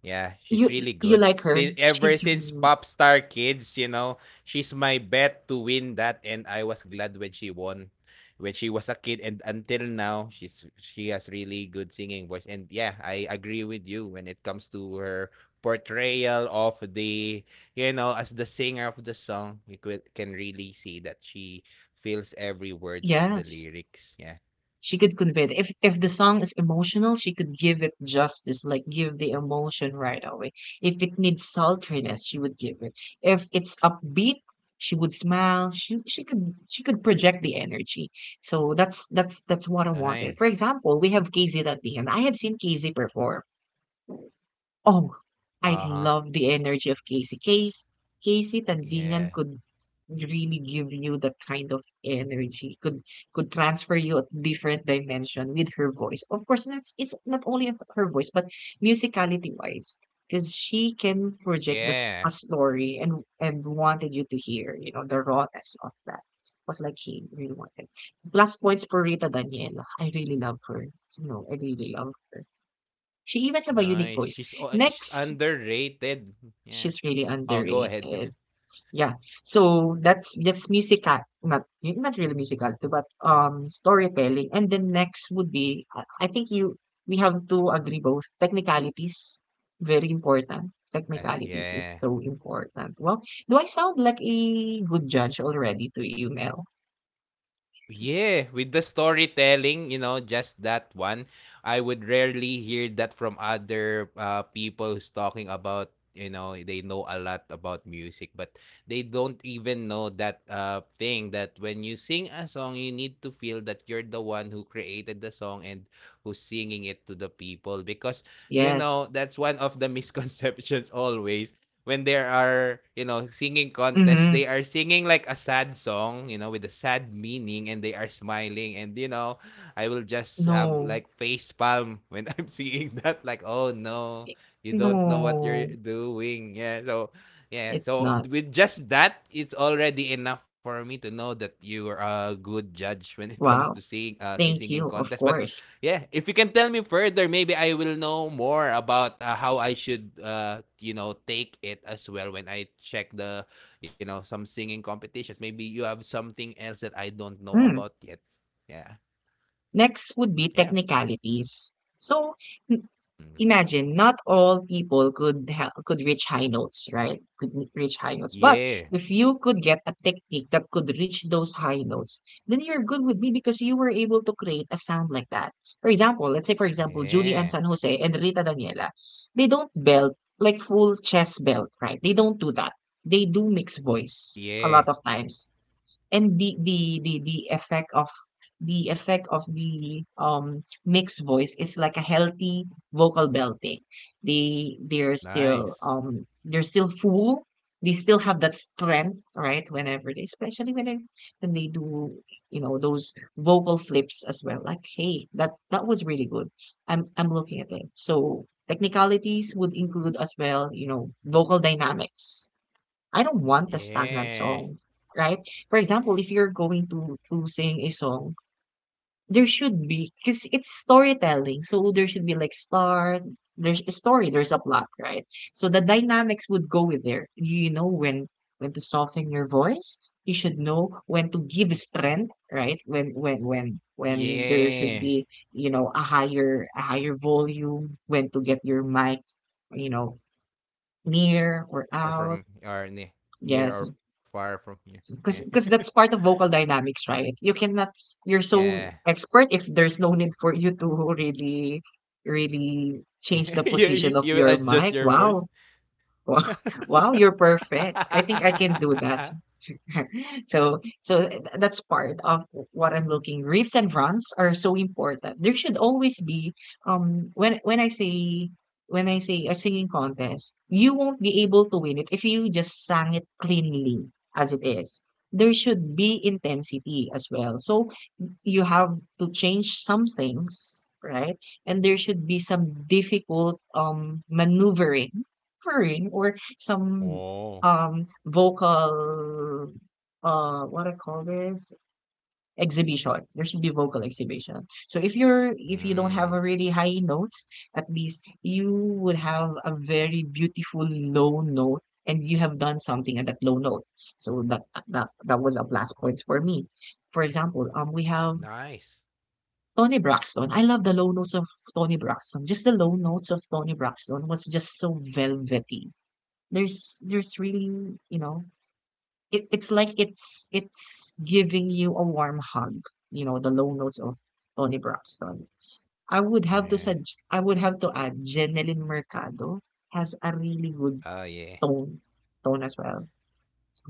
Speaker 2: Yeah, she's
Speaker 1: You
Speaker 2: really
Speaker 1: you
Speaker 2: good.
Speaker 1: like her?
Speaker 2: Since ever
Speaker 1: She's
Speaker 2: since Popstar Kids, you know, she's my bet to win that, and I was glad when she won, when she was a kid, and until now, she's she has really good singing voice. And yeah, I agree with you when it comes to her portrayal of the, you know, as the singer of the song, you could, can really see that she feels every words of the
Speaker 1: yes.
Speaker 2: lyrics. Yeah,
Speaker 1: She could convey it. If if the song is emotional, she could give it justice, like give the emotion right away. If it needs sultriness, she would give it. If it's upbeat, she would smile. She she could she could project the energy. So that's that's that's what I wanted. For
Speaker 2: nice.
Speaker 1: example, we have K Z at the end. I have seen K Z perform. Oh, I
Speaker 2: Uh-huh.
Speaker 1: love the energy of Casey. Casey, Casey
Speaker 2: Yeah.
Speaker 1: Tandingan could really give you that kind of energy. Could could transfer you a different dimension with her voice. Of course, it's it's not only of her voice, but musicality wise, because she can project the s-
Speaker 2: Yeah.
Speaker 1: a story, and and wanted you to hear, you know, the rawness of that. Was like she really wanted. Plus points for Rita Daniela. I really love her. You know, I really love her. She even have a
Speaker 2: Nice.
Speaker 1: unique
Speaker 2: She's o
Speaker 1: voice.
Speaker 2: she's
Speaker 1: Next
Speaker 2: underrated. Yeah.
Speaker 1: she's really
Speaker 2: Oh, go ahead. (laughs)
Speaker 1: underrated. Yeah. So that's that's musical, not not really musical, but um storytelling. And then next would be, I I think you we have to agree both technicalities, very important.
Speaker 2: Ah,
Speaker 1: Technicalities is
Speaker 2: yeah.
Speaker 1: so important. Well, do I sound like a good judge already to you, Mel?
Speaker 2: Yeah, with the storytelling, you know, just that one, I would rarely hear that from other uh, people who's talking about, you know, they know a lot about music, but they don't even know that uh, thing, that when you sing a song, you need to feel that you're the one who created the song and who's singing it to the people. Because, you know,
Speaker 1: Yes.
Speaker 2: that's one of the misconceptions (laughs) always. When there are, you know, singing contests,
Speaker 1: Mm-hmm.
Speaker 2: they are singing like a sad song, you know, with a sad meaning, and they are smiling. And you know, I will just have
Speaker 1: No.
Speaker 2: like face palm when (laughs) I'm seeing that, like, oh no, you don't know what you're
Speaker 1: No,
Speaker 2: doing. Yeah, so yeah,
Speaker 1: it's
Speaker 2: so
Speaker 1: not.
Speaker 2: with just that, it's already enough for me to know that you are a good judge when it comes to
Speaker 1: Wow.
Speaker 2: sing uh
Speaker 1: Thank
Speaker 2: singing
Speaker 1: you. Of
Speaker 2: contest. But
Speaker 1: course.
Speaker 2: yeah, if you can tell me further, maybe I will know more about uh, how I should, uh, you know, take it as well when I check the, you know, some singing competitions. Maybe you have something else that I don't know about
Speaker 1: Mm.
Speaker 2: yet. Yeah,
Speaker 1: Next would be
Speaker 2: yeah,
Speaker 1: technicalities. So n-
Speaker 2: mm.
Speaker 1: imagine not all people could ha- could reach high notes, right? Could n- reach high notes. But
Speaker 2: yeah,
Speaker 1: if you could get a technique that could reach those high notes, then you're good with me, because you were able to create a sound like that. For example, let's say for example, Julian
Speaker 2: yeah,
Speaker 1: San Jose and Rita Daniela, they don't belt like full chest belt, right? They don't do that. They do mixed
Speaker 2: Oh,
Speaker 1: voice
Speaker 2: yeah.
Speaker 1: a lot of times, and the the the the effect of the effect of the um mixed voice is like a healthy vocal belting. They they're still
Speaker 2: Nice.
Speaker 1: um they're still full. They still have that strength, right? Whenever they, especially when they, when they do, you know, those vocal flips as well. Like, hey, that that was really good. I'm I'm looking at it. So technicalities would include as well, you know, vocal dynamics. I don't want a stagnant
Speaker 2: Yeah,
Speaker 1: song, right? For example, if you're going to to sing a song, there should be, because it's storytelling, so there should be like start. There's a story, there's a plot, right? So the dynamics would go with there. You know when when to soften your voice. You should know when to give strength, right? When when when when there should
Speaker 2: yeah.
Speaker 1: be, you know, a higher a higher volume. When to get your mic, you know, near or
Speaker 2: Far
Speaker 1: out.
Speaker 2: from or near, near
Speaker 1: Yes.
Speaker 2: or far from here. Yeah,
Speaker 1: Because because that's part of vocal dynamics, right? You cannot, you're
Speaker 2: (laughs) yeah,
Speaker 1: so expert if there's no need for you to really really
Speaker 2: yeah.
Speaker 1: change the
Speaker 2: (laughs) You, you
Speaker 1: position of
Speaker 2: you will
Speaker 1: your
Speaker 2: adjust
Speaker 1: mic.
Speaker 2: your voice.
Speaker 1: Wow. (laughs) Wow, wow, you're perfect, I think I can do that.
Speaker 2: (laughs)
Speaker 1: (laughs) so so that's part of what I'm looking. Riffs and runs are so important. There should always be um when when I say when I say a singing contest, you won't be able to win it if you just sang it cleanly as it is. There should be intensity as well. So you have to change some things, right? And there should be some difficult um maneuvering, maneuvering or some
Speaker 2: Oh,
Speaker 1: um vocal uh what I call this exhibition. There should be vocal exhibition. So if you're if you don't have
Speaker 2: mm,
Speaker 1: a really high notes, at least you would have a very beautiful low note, and you have done something at that low note. So that that that was a plus points for me. For example, um we have
Speaker 2: nice.
Speaker 1: Tony Braxton. I love the low notes of Tony Braxton. Just the low notes of Tony Braxton was just so velvety. There's there's really, you know, it, it's like it's it's giving you a warm hug, you know, the low notes of Tony Braxton. I would have to
Speaker 2: Yeah.
Speaker 1: sug- I would have to add Jeneline Mercado has a really good
Speaker 2: Oh, yeah.
Speaker 1: tone tone as well.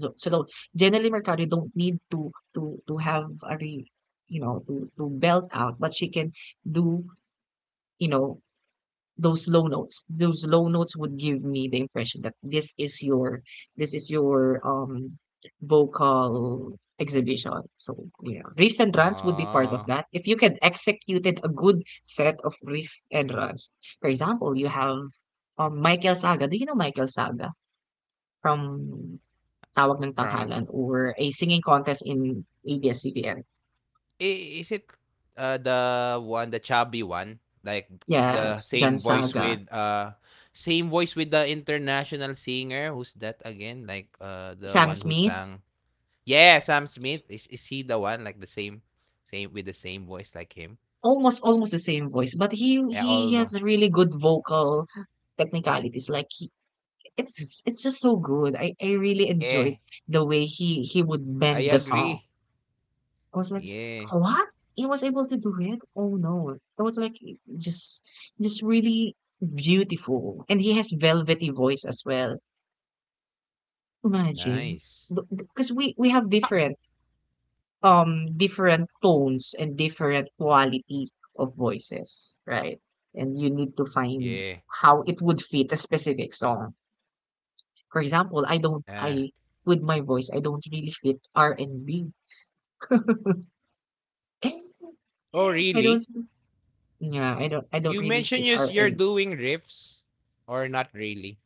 Speaker 1: So, so though Jeneline Mercado, you don't need to to to have a re, you know to to belt out, but she can do you know those low notes. Those low notes would give me the impression that this is your this is your um vocal exhibition. So yeah, riffs and runs would be part
Speaker 2: Uh,
Speaker 1: of that if you can executed a good set of riff and runs. For example, you have um Michael Saga. Do you know Michael Saga from Tawag ng
Speaker 2: from,
Speaker 1: Tanghalan, or a singing contest in A B S-C B N?
Speaker 2: i- is it uh the one, the chubby one, like the
Speaker 1: Yes, John
Speaker 2: same voice
Speaker 1: Saga.
Speaker 2: with uh same voice with the international singer? Who's that again? Like uh the
Speaker 1: Sam
Speaker 2: one who
Speaker 1: Smith.
Speaker 2: sang, yeah, Sam Smith. is is he the one, like the same, same with the same voice like him?
Speaker 1: Almost almost the same voice, but he
Speaker 2: Yeah,
Speaker 1: he has
Speaker 2: almost.
Speaker 1: really good vocal technicalities. Like he, it's it's just so good. I I really enjoyed
Speaker 2: Yeah,
Speaker 1: the way he he
Speaker 2: I
Speaker 1: would bend the
Speaker 2: agree.
Speaker 1: song. I was like,
Speaker 2: Yeah.
Speaker 1: what? He was able to do it? Oh no! It was like just just really beautiful, and he has velvety voice as well. Imagine,
Speaker 2: Nice.
Speaker 1: because we we have
Speaker 2: Ha-
Speaker 1: different um different tones and different quality of voices, right? And you need to find
Speaker 2: yeah.
Speaker 1: how it would fit a specific song. For example, I don't
Speaker 2: Yeah.
Speaker 1: I with my voice, I don't really fit r and B. (laughs)
Speaker 2: Oh,
Speaker 1: I
Speaker 2: really?
Speaker 1: don't. Yeah, I don't I don't
Speaker 2: You
Speaker 1: really
Speaker 2: mentioned
Speaker 1: fit
Speaker 2: you s-
Speaker 1: r
Speaker 2: you're
Speaker 1: and.
Speaker 2: doing riffs, or not really?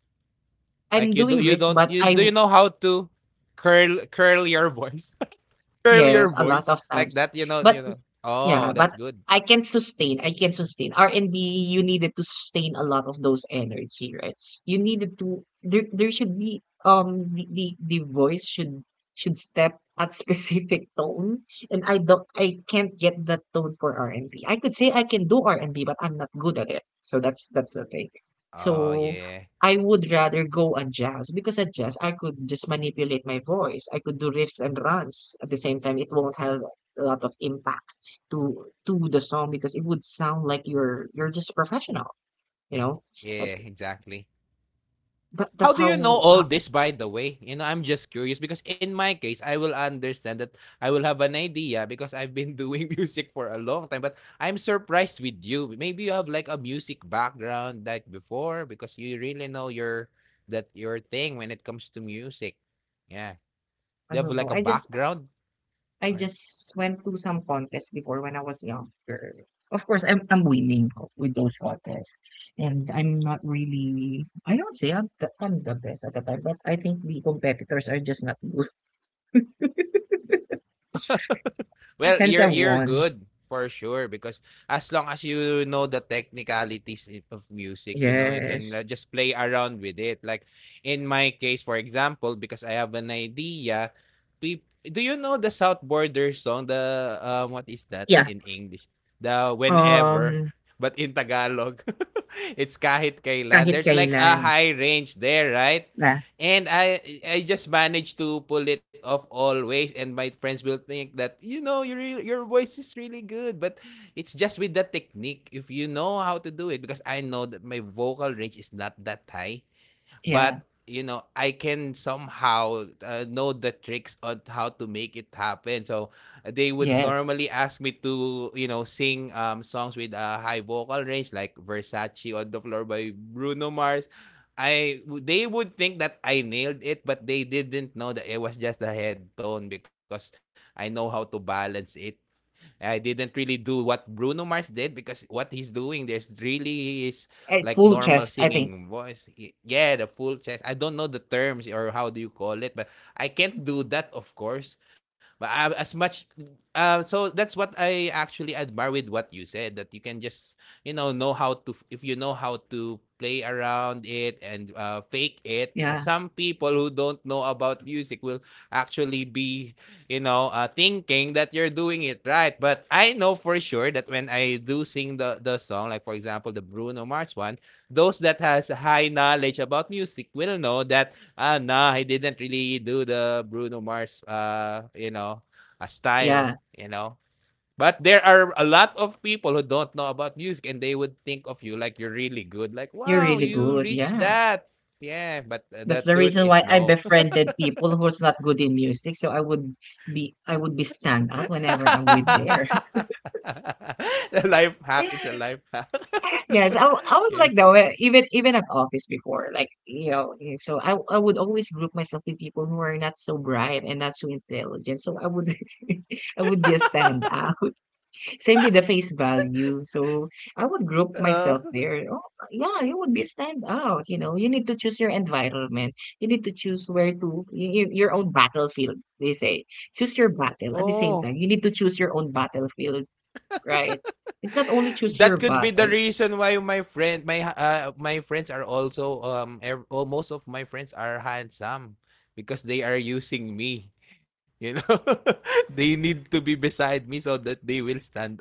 Speaker 1: I'm
Speaker 2: Like you do
Speaker 1: doing
Speaker 2: you
Speaker 1: riffs,
Speaker 2: don't
Speaker 1: but
Speaker 2: you
Speaker 1: I,
Speaker 2: do you know how to curl curl your voice? (laughs) Curl your
Speaker 1: yes, a lot
Speaker 2: voice
Speaker 1: of
Speaker 2: like
Speaker 1: times.
Speaker 2: that, you know, you
Speaker 1: But
Speaker 2: know. Oh,
Speaker 1: yeah,
Speaker 2: that's
Speaker 1: but
Speaker 2: good.
Speaker 1: I can sustain. I can sustain. R and B, you needed to sustain a lot of those energy, right? You needed to. There there should be um the the the voice should should step at specific (laughs) tone, and I don't I can't get that tone for r and B. I could say I can do R and B, but I'm not good at it. So that's that's the thing.
Speaker 2: Oh,
Speaker 1: So
Speaker 2: yeah.
Speaker 1: I would rather go on jazz, because at jazz I could just manipulate my voice. I could do riffs and runs at the same time. It won't have a lot of impact to to the song, because it would sound like you're you're just a professional, you know like
Speaker 2: Yeah, exactly.
Speaker 1: that that's
Speaker 2: How do you know
Speaker 1: how, how
Speaker 2: all this, by the way? You know, I'm just curious because in my case, I will understand that I will have an idea because I've been doing (laughs) music for a long time. But I'm surprised with you. Maybe you have like a music background like before because you really know your that your thing when it comes to music. Yeah, do
Speaker 1: I
Speaker 2: you have
Speaker 1: don't
Speaker 2: like
Speaker 1: know,
Speaker 2: a
Speaker 1: I just
Speaker 2: background?
Speaker 1: i just went to some contests before when I was younger. Of course, i'm i'm winning with those contests, and I'm not really I don't say i'm the, i'm the best at the time, but I think the competitors are just not good. (laughs)
Speaker 2: Well,
Speaker 1: Hence
Speaker 2: you're
Speaker 1: I
Speaker 2: you're
Speaker 1: won.
Speaker 2: good for sure because as long as you know the technicalities i- of music, you know, you can uh,
Speaker 1: Yes.
Speaker 2: just play around with it. Like in my case, for example, because I have an idea, peop do you know the South Border song? The um, what is that
Speaker 1: Yeah.
Speaker 2: in English? The whenever,
Speaker 1: um
Speaker 2: but in Tagalog, (laughs) it's kahit kailan.
Speaker 1: Kahit
Speaker 2: There's like a
Speaker 1: kailan
Speaker 2: high range there, right?
Speaker 1: na.
Speaker 2: And I I just managed to pull it off always, and my friends will think that, you know, your your voice is really good, but it's just with the technique, if you know how to do it. Because I know that my vocal range is not that high,
Speaker 1: Yeah.
Speaker 2: but you know I can somehow, uh, know the tricks on how to make it happen. So they would
Speaker 1: Yes.
Speaker 2: normally ask me to, you know, sing um songs with a high vocal range, like Versace on the Floor by Bruno Mars. I They would think that I nailed it, but they didn't know that it was just the head tone because I know how to balance it. I didn't really do what Bruno Mars did, because what he's doing there's really is
Speaker 1: Eh,
Speaker 2: like
Speaker 1: full
Speaker 2: normal
Speaker 1: chest, I think.
Speaker 2: singing voice. Y- Yeah, the full chest. I don't know the terms or how do you call it, but I can't do that, of course. But I, as much, uh, so that's what I actually admire with what you said, that you can just, you know know how to, if you know how to play around it and uh, fake it. Uh,
Speaker 1: Yeah.
Speaker 2: Some people who don't know about music will actually be you know, uh, thinking that you're doing it right. But I know for sure that when I do sing the, the song, like for example, the Bruno Mars one, those that has high knowledge about music will know that, ah, nah, I didn't really do the Bruno Mars, uh, you know, a style,
Speaker 1: Yeah,
Speaker 2: you know. But there are a lot of people who don't know about music and they would think of you like you're really good. Like,
Speaker 1: you're
Speaker 2: wow,
Speaker 1: really
Speaker 2: you
Speaker 1: good.
Speaker 2: reached
Speaker 1: Yeah.
Speaker 2: that. Yeah, but uh,
Speaker 1: That's
Speaker 2: the
Speaker 1: the
Speaker 2: truth
Speaker 1: reason
Speaker 2: is
Speaker 1: why I
Speaker 2: no.
Speaker 1: befriended people who's not good in music, so I would be I would be stand out whenever I'm with there.
Speaker 2: (laughs) The life hack. It's a
Speaker 1: (laughs)
Speaker 2: life hack.
Speaker 1: Yes, I wa- I
Speaker 2: (laughs)
Speaker 1: was
Speaker 2: Yeah.
Speaker 1: like that way, even even at office before, like you know. eh, so I I would always group myself with people who are not so bright and not so intelligent, so I would (laughs) I would be a stand out. Same with the face value. So I would group
Speaker 2: Uh,
Speaker 1: myself there. Oh, yeah, you would be stand out. You know, you need to choose your environment. You need to choose where to y- y- your own battlefield. They say choose your battle. At the same
Speaker 2: oh.
Speaker 1: time, you need to choose your own battlefield, right? It's not only choose
Speaker 2: That
Speaker 1: your
Speaker 2: could be the
Speaker 1: battle.
Speaker 2: reason why my friend, my uh, my friends are also um, ev- oh, most of my friends are handsome because they are using me. You know, (laughs) they need to be beside me so that they will stand out.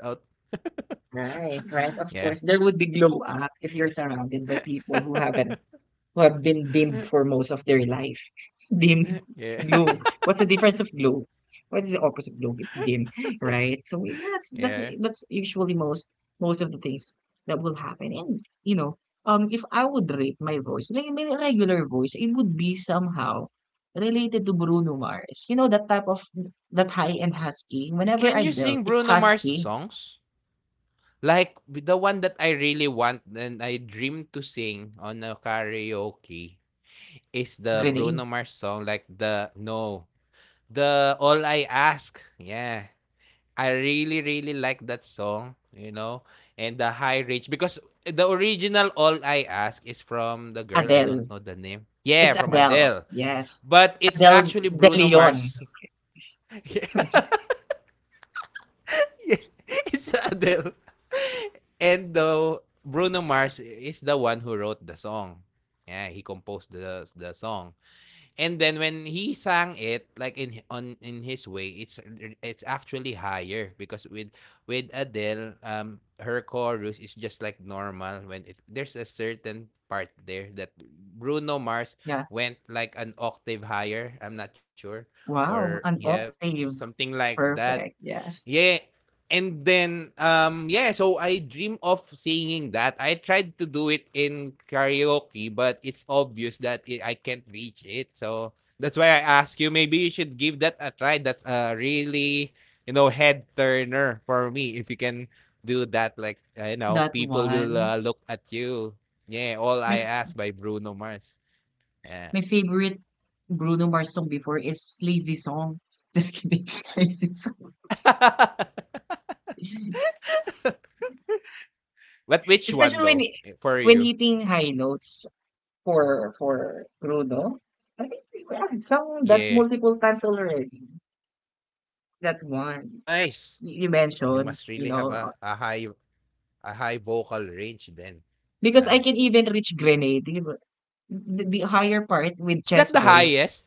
Speaker 1: Right,
Speaker 2: (laughs)
Speaker 1: right. Of
Speaker 2: Yeah.
Speaker 1: course, there would be glow up if you're surrounded by people who haven't
Speaker 2: (laughs)
Speaker 1: who have been dimmed for most of their life. (laughs) Dim, it's
Speaker 2: Yeah.
Speaker 1: glow. What's the difference of glow? What is the opposite of glow? It's dim, right? So yeah, that's that's
Speaker 2: Yeah.
Speaker 1: that's usually most most of the things that will happen. And you know, um, if I would rate my voice, like my regular voice, it would be somehow related to Bruno Mars. You know that type of that high and husky. Whenever
Speaker 2: Can
Speaker 1: I
Speaker 2: you
Speaker 1: build,
Speaker 2: sing
Speaker 1: it's
Speaker 2: Bruno Mars
Speaker 1: husky.
Speaker 2: songs? Like the one that I really want and I dream to sing on a karaoke is the Bruno
Speaker 1: Grenade.
Speaker 2: Mars song, like the no, the All I Ask. Yeah. I really, really like that song, you know, and the high reach because the original All I Ask is from the girl, I don't
Speaker 1: Adele.
Speaker 2: know the name.
Speaker 1: It's
Speaker 2: Yeah, from
Speaker 1: Adele.
Speaker 2: Adele.
Speaker 1: Yes.
Speaker 2: But it's
Speaker 1: Adele
Speaker 2: actually
Speaker 1: De
Speaker 2: Bruno
Speaker 1: Leon.
Speaker 2: Mars. (laughs)
Speaker 1: (laughs)
Speaker 2: (laughs) Yeah, it's Adele. And the Bruno Mars is the one who wrote the song. Yeah, he composed the the song. And then when he sang it, like, in on in his way, it's it's actually higher because with with Adele, um her chorus is just like normal when it there's a certain part there that Bruno Mars
Speaker 1: Yeah.
Speaker 2: went like an octave higher. I'm not sure,
Speaker 1: Wow,
Speaker 2: or
Speaker 1: an
Speaker 2: yeah, something
Speaker 1: octave.
Speaker 2: like that.
Speaker 1: Perfect,
Speaker 2: Yeah.
Speaker 1: yes.
Speaker 2: And then um yeah, so I dream of singing that. I tried to do it in karaoke, but it's obvious that it, I can't reach it. So that's why I ask you maybe you should give that a try. That's a really, you know, head turner for me if you can do that, like, uh, you know,
Speaker 1: That
Speaker 2: people will
Speaker 1: one.
Speaker 2: uh, look at you. Yeah, All
Speaker 1: My
Speaker 2: I
Speaker 1: f
Speaker 2: Ask by Bruno Mars. Yeah.
Speaker 1: my favorite Bruno Mars song before is Lazy Song. (laughs) Just kidding. (laughs) Lazy Song.
Speaker 2: (laughs) But which one though,
Speaker 1: Especially when
Speaker 2: eh, for you?
Speaker 1: when hitting high notes for for Bruno. I think we have sung that
Speaker 2: Yeah.
Speaker 1: multiple times already. That one
Speaker 2: Nice.
Speaker 1: y- you
Speaker 2: You
Speaker 1: mentioned,
Speaker 2: must
Speaker 1: you
Speaker 2: really have
Speaker 1: know,
Speaker 2: a
Speaker 1: uh,
Speaker 2: a high a high vocal range then.
Speaker 1: because I
Speaker 2: ah.
Speaker 1: can even reach Grenade, you know, the, the higher part with
Speaker 2: Is that
Speaker 1: chest
Speaker 2: the
Speaker 1: voice.
Speaker 2: highest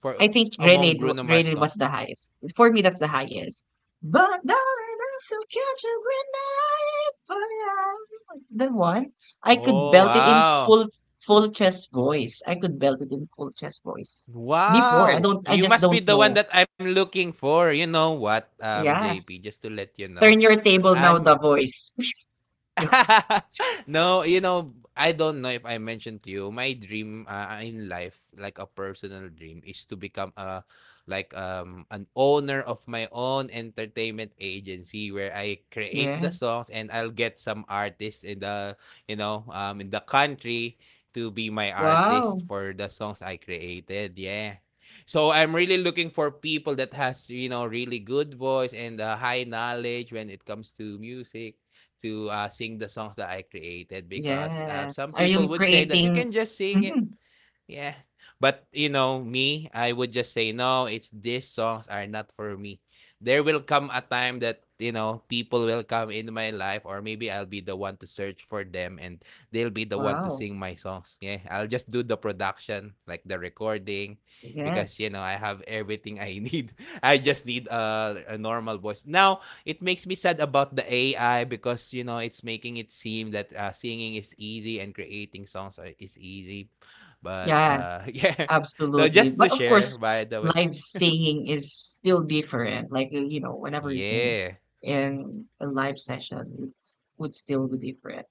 Speaker 2: for
Speaker 1: I think
Speaker 2: among
Speaker 1: Grenade w-
Speaker 2: Bruno Mars
Speaker 1: Grenade was
Speaker 2: song?
Speaker 1: the highest. For me, that's the highest. But darling, I still catch a grenade for you. That one, I could
Speaker 2: Oh,
Speaker 1: belt it in
Speaker 2: wow.
Speaker 1: full full chest voice. I could belt it in full chest voice. Before, I
Speaker 2: Wow!
Speaker 1: don't. I
Speaker 2: You
Speaker 1: just
Speaker 2: must be
Speaker 1: don't
Speaker 2: the one
Speaker 1: know.
Speaker 2: that I'm looking for. You know what, um, J P,
Speaker 1: Yes.
Speaker 2: just to let you know,
Speaker 1: Turn your table now.
Speaker 2: I'm
Speaker 1: The voice. (laughs)
Speaker 2: (laughs) no, you know, I don't know if I mentioned to you, my dream, uh, in life, like a personal dream, is to become a like um an owner of my own entertainment agency where I create the
Speaker 1: Yes.
Speaker 2: songs and I'll get some artists in the you know um in the country to be my artist
Speaker 1: Wow.
Speaker 2: for the songs I created. Yeah. So I'm really looking for people that has you know really good voice and uh, high knowledge when it comes to music to uh, sing the songs that I created because uh,
Speaker 1: Yes.
Speaker 2: some
Speaker 1: Are
Speaker 2: people
Speaker 1: you
Speaker 2: would say that you
Speaker 1: creating?
Speaker 2: can just sing.
Speaker 1: Mhm.
Speaker 2: Yeah. But you know, me, I would just say no, it's these songs are not for me. There will come a time that, you know, people will come into my life or maybe I'll be the one to search for them and they'll be the one to
Speaker 1: Wow.
Speaker 2: sing my songs. Yeah. I'll just do the production, like the recording, because you
Speaker 1: Yes.
Speaker 2: know, I have everything I need. (laughs) I just need a, a normal voice. Now, it makes me sad about the A I because, you know, it's making it seem that uh, singing is easy and creating songs are, is easy, but
Speaker 1: Yeah.
Speaker 2: uh (laughs) yeah. So
Speaker 1: Absolutely.
Speaker 2: just to
Speaker 1: But of course,
Speaker 2: share, by the way.
Speaker 1: live singing is still different. Like, uh, you know, whenever you sing
Speaker 2: Yeah.
Speaker 1: in a live session, it's would still be different.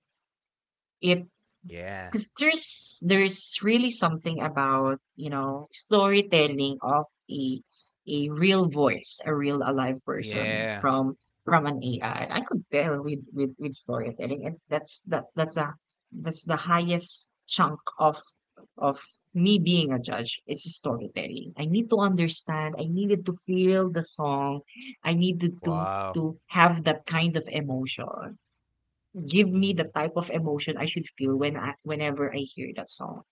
Speaker 1: It
Speaker 2: Yeah.
Speaker 1: 'Cause there's there's really something about, you know, storytelling of a a real voice, a real alive person
Speaker 2: Yeah.
Speaker 1: from from an A I. I I could tell with with, with storytelling, and that's that that's a that's the highest chunk of of me being a judge. It's storytelling. I need to understand. I needed to feel the song. I needed to
Speaker 2: Wow.
Speaker 1: to have that kind of emotion. Give me the
Speaker 2: Yeah.
Speaker 1: type of emotion I should feel when I whenever I hear that song,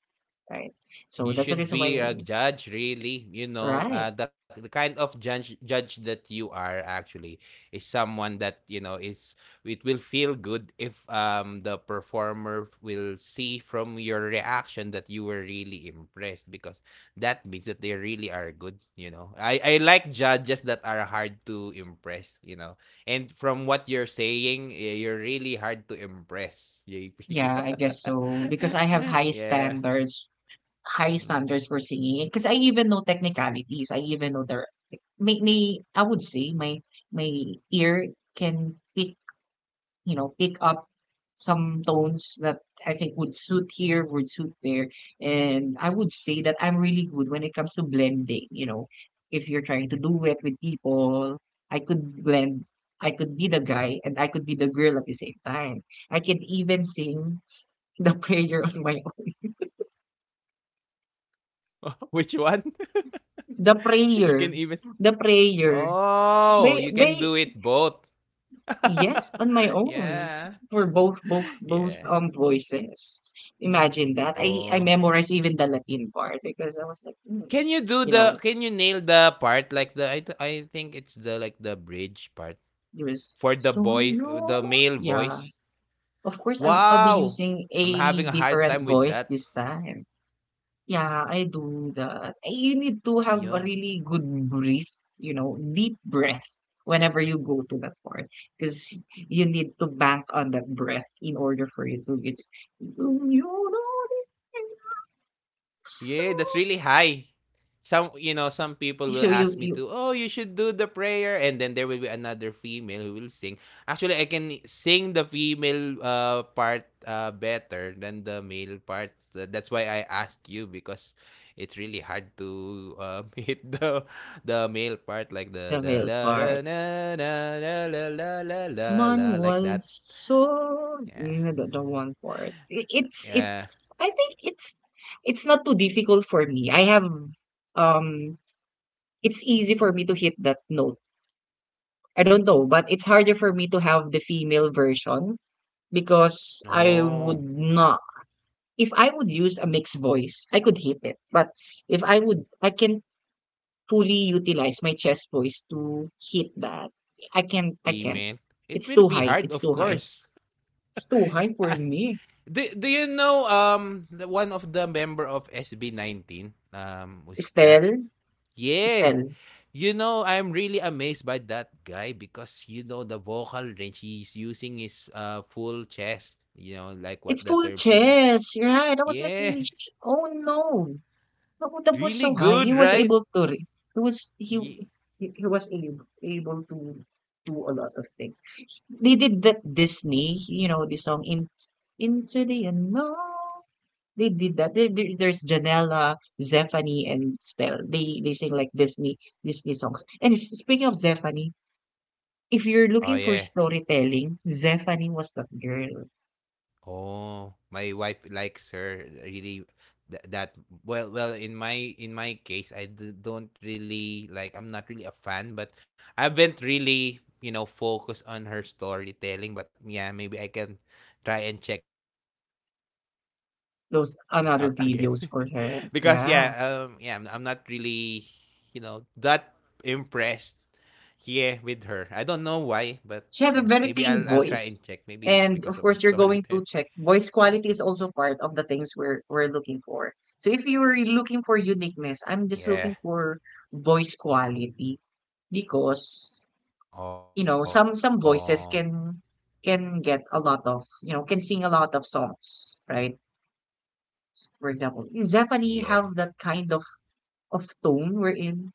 Speaker 1: right? So
Speaker 2: You
Speaker 1: that's the reason
Speaker 2: should
Speaker 1: why,
Speaker 2: be a judge, really. You know,
Speaker 1: right?
Speaker 2: uh, the, the kind of judge judge that you are actually is someone that, you know, is, it will feel good if um the performer will see from your reaction that you were really impressed because that means that they really are good. You know, I I like judges that are hard to impress. You know, and from what you're saying, y- you're really hard to impress, J P.
Speaker 1: Yeah, I guess so, because I have
Speaker 2: (laughs)
Speaker 1: high
Speaker 2: Yeah.
Speaker 1: standards, high
Speaker 2: Mm.
Speaker 1: standards for singing. Because I even know technicalities. I even know the may, may I would say my my ear can pick you know, pick up some tones that I think would suit here, would suit there. And I would say that I'm really good when it comes to blending, you know. If you're trying to do it with people, I could blend. I could be the guy and I could be the girl at the same time. I can even sing (laughs) the prayer on my own.
Speaker 2: (laughs) Which one? (laughs)
Speaker 1: The
Speaker 2: You
Speaker 1: prayer.
Speaker 2: can even.
Speaker 1: The prayer.
Speaker 2: Oh,
Speaker 1: May
Speaker 2: you
Speaker 1: may
Speaker 2: can do it both.
Speaker 1: Yes,
Speaker 2: (laughs)
Speaker 1: on my own
Speaker 2: yeah,
Speaker 1: for both both both
Speaker 2: yeah.
Speaker 1: um voices. Imagine that. I I
Speaker 2: Oh.
Speaker 1: memorized even the Latin part because I was like, "Hmm,"
Speaker 2: Can you do
Speaker 1: you
Speaker 2: the
Speaker 1: know,
Speaker 2: can you nail the part like the I th I think it's the, like, the bridge part
Speaker 1: it was
Speaker 2: for the
Speaker 1: so
Speaker 2: boy, uh,
Speaker 1: no.
Speaker 2: the male
Speaker 1: Yeah,
Speaker 2: voice?
Speaker 1: of course, I'm, I'll be
Speaker 2: Wow!
Speaker 1: using
Speaker 2: I'm
Speaker 1: a
Speaker 2: having a hard time
Speaker 1: different
Speaker 2: with
Speaker 1: voice
Speaker 2: that.
Speaker 1: this time. Yeah, I do that. Eh, You need to have a
Speaker 2: Yeah.
Speaker 1: really good breath, you know, deep breath, whenever you go to that part because you need to bank on that breath in order for you to get so
Speaker 2: Yeah, that's really high. Some you know, some people will
Speaker 1: so you
Speaker 2: ask me
Speaker 1: you
Speaker 2: to, oh, you should do the prayer, and then there will be another female who will sing. Actually, I can sing the female uh part uh better than the male part. Tha- That's why I asked you because it's really hard to um, (laughs) hit the the male part like
Speaker 1: the
Speaker 2: the the
Speaker 1: male
Speaker 2: la
Speaker 1: part.
Speaker 2: ra, na na na la la la la
Speaker 1: Man
Speaker 2: la like that.
Speaker 1: was so,
Speaker 2: Yeah,
Speaker 1: you know the, the one part. It, it's
Speaker 2: yeah.
Speaker 1: it's I think it's it's not too difficult for me. I have um it's easy for me to hit that note. I don't know, but it's harder for me to have the female version because I would
Speaker 2: Oh,
Speaker 1: not. If I would use a mixed voice, I could hit it. But if I would, I can fully utilize my chest voice to hit that. I
Speaker 2: the
Speaker 1: can't. I can't.
Speaker 2: female. It
Speaker 1: It's
Speaker 2: will
Speaker 1: too
Speaker 2: be
Speaker 1: high.
Speaker 2: hard,
Speaker 1: It's
Speaker 2: of
Speaker 1: too high.
Speaker 2: course.
Speaker 1: It's too high for me.
Speaker 2: Do, do you know um the one of the member of S B nineteen, um was that?
Speaker 1: Estelle,
Speaker 2: Yeah,
Speaker 1: Estelle.
Speaker 2: you know, I'm really amazed by that guy because you know the vocal range he's using, his uh full chest, you know, like what
Speaker 1: It's
Speaker 2: the
Speaker 1: full
Speaker 2: terms we.
Speaker 1: chest. You're right. I was like,
Speaker 2: Yeah.
Speaker 1: really? sh- Oh no. No,
Speaker 2: (laughs)
Speaker 1: that was
Speaker 2: Really
Speaker 1: so high. He
Speaker 2: good,
Speaker 1: was
Speaker 2: right?
Speaker 1: able to. re- He was he
Speaker 2: Ye-
Speaker 1: he he was able able to do a lot of things. They did that Disney, you know, the song in Into the Unknown. They did that. There, there- there's Janela, Zephanie, and Stel. They they sing like Disney Disney songs. And s- speaking of Zephanie, if you're
Speaker 2: oh,
Speaker 1: looking for
Speaker 2: yeah.
Speaker 1: storytelling, Zephanie was that girl.
Speaker 2: Oh, my wife likes her really, th- that. Well well, in my in my case, I d- don't really like, I'm not really a fan, but I haven't really, you know, focused on her storytelling, but yeah, maybe I can try and check it out (laughs) again, (laughs) because yeah,
Speaker 1: Those
Speaker 2: um
Speaker 1: another
Speaker 2: yeah, I'm, I'm
Speaker 1: videos
Speaker 2: not
Speaker 1: for her.
Speaker 2: really,
Speaker 1: Yeah.
Speaker 2: you know, that impressed, yeah, with her, I don't know why, but yeah, maybe I'll I'll try and
Speaker 1: She
Speaker 2: check,
Speaker 1: had a
Speaker 2: maybe
Speaker 1: very
Speaker 2: it's because
Speaker 1: clean
Speaker 2: of the (laughs)
Speaker 1: voice.
Speaker 2: storytelling.
Speaker 1: And of course, you're going to check. Voice quality is also part of the things we're we're looking for. So if you're looking for
Speaker 2: Yeah,
Speaker 1: uniqueness, I'm just looking for voice quality because you
Speaker 2: oh,
Speaker 1: know some some voices can can get a lot of you know can sing a lot of songs, right? For
Speaker 2: yeah.
Speaker 1: example, is Zephanie have that kind of of tone, wherein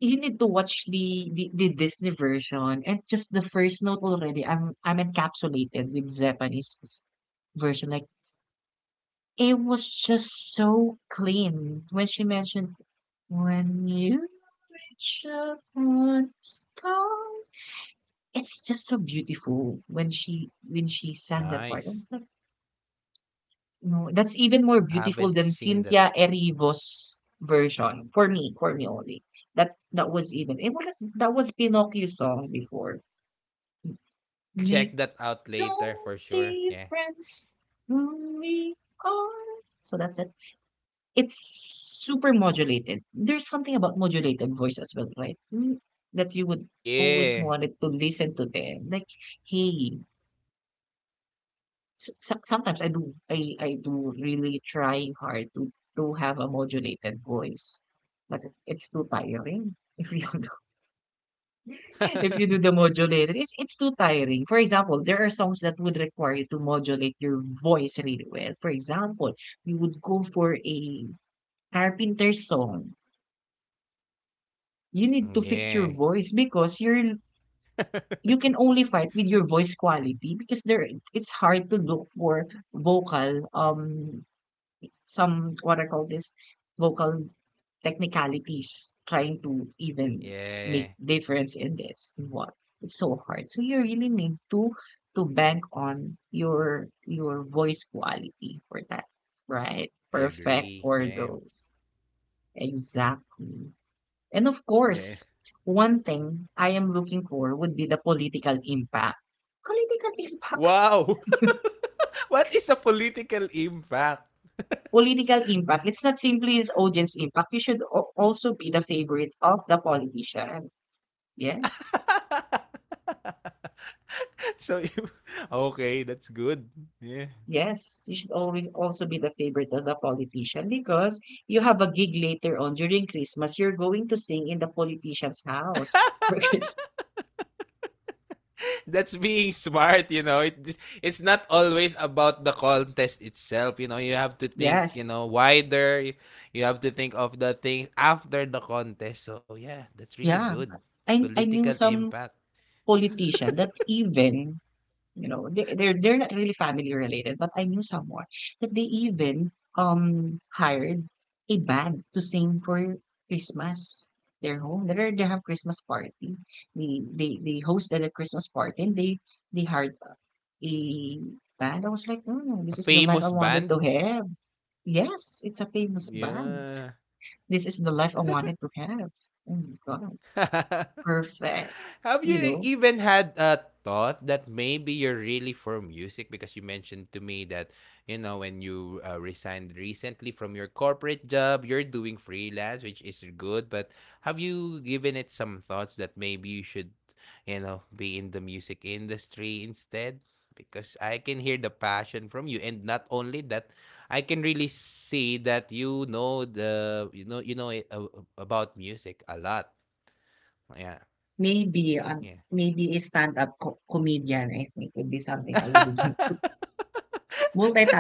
Speaker 1: you need to watch the, the the Disney version, and just the first note already. I'm I'm encapsulated with Zephany's version. Like, it was just so clean when she mentioned, "when you reach upon a star." It's just so beautiful when she when she sang
Speaker 2: Nice.
Speaker 1: that part. I was like, no, that's even more
Speaker 2: Haven't
Speaker 1: beautiful
Speaker 2: seen
Speaker 1: than
Speaker 2: that.
Speaker 1: Cynthia Erivo's version for me, for me only. That that was even it was that was Pinocchio's song before.
Speaker 2: I'll check that out
Speaker 1: Makes
Speaker 2: later for
Speaker 1: no
Speaker 2: sure. Yeah.
Speaker 1: difference who we are. So that's it. It's super modulated. There's something about modulated voice as well, right? Mm, That you would always
Speaker 2: Yeah.
Speaker 1: wanted to listen to them. Like, hey, s- s- sometimes I do, I, I do really trying hard to, to have a modulated voice, but it's too tiring (laughs) if you If you do
Speaker 2: (laughs)
Speaker 1: the modulated, it's it's too tiring. For example, there are songs that would require you to modulate your voice really well. For example, you would go for a Carpenter song. You need to
Speaker 2: Yeah.
Speaker 1: fix your voice because you're you can only fight with your voice quality because there it's hard to look for vocal um some what I call this vocal technicalities trying to even
Speaker 2: Yeah,
Speaker 1: make difference in this and what it's so hard so you really need to to bank on your your voice quality for that right
Speaker 2: I
Speaker 1: perfect
Speaker 2: agree.
Speaker 1: for
Speaker 2: Yeah.
Speaker 1: those exactly and of
Speaker 2: Yeah.
Speaker 1: course one thing I am looking for would be the political impact political (laughs) impact
Speaker 2: Wow! (laughs) What is a political impact?
Speaker 1: political impact, it's not simply his audience impact. You should al- also be the favorite of the politician. Yes.
Speaker 2: (laughs) So, (laughs) okay, that's good. Yeah.
Speaker 1: Yes, you should always also be the favorite of the politician because you have a gig later on during Christmas. You're going to sing in the politician's house for (laughs) Christmas.
Speaker 2: That's being smart, you know, it, it's not always about the contest itself, you know, you have to think, you
Speaker 1: Yes.
Speaker 2: know, wider, you, you have to think of the things after the contest, so yeah, that's really
Speaker 1: Yeah.
Speaker 2: good.
Speaker 1: I I
Speaker 2: Political
Speaker 1: knew some
Speaker 2: impact.
Speaker 1: politician that even you know, they, they're they're not really family related, but I knew someone that they even um hired a band to sing for Christmas. Their home, they they have Christmas party. They they they hosted a Christmas party and they they hired a band. I was like, mm, this is the life
Speaker 2: Famous
Speaker 1: I wanted to
Speaker 2: band.
Speaker 1: have. Yes, it's a famous band.
Speaker 2: Yeah.
Speaker 1: This is the life I wanted to have. Oh my God,
Speaker 2: (laughs)
Speaker 1: perfect.
Speaker 2: Have you
Speaker 1: You
Speaker 2: e-
Speaker 1: know,
Speaker 2: even had a thought that maybe you're really for music? Because you mentioned to me that, you know, when you uh, resigned recently from your corporate job, you're doing freelance, which is good. But have you given it some thoughts that maybe you should, you know, be in the music industry instead? Because I can hear the passion from you. And not only that, I can really see that you know the you know you know it, uh, about music a lot, yeah,
Speaker 1: maybe, um,
Speaker 2: yeah.
Speaker 1: maybe a stand-up co comedian, I think would be something I would (laughs) want to
Speaker 2: (laughs)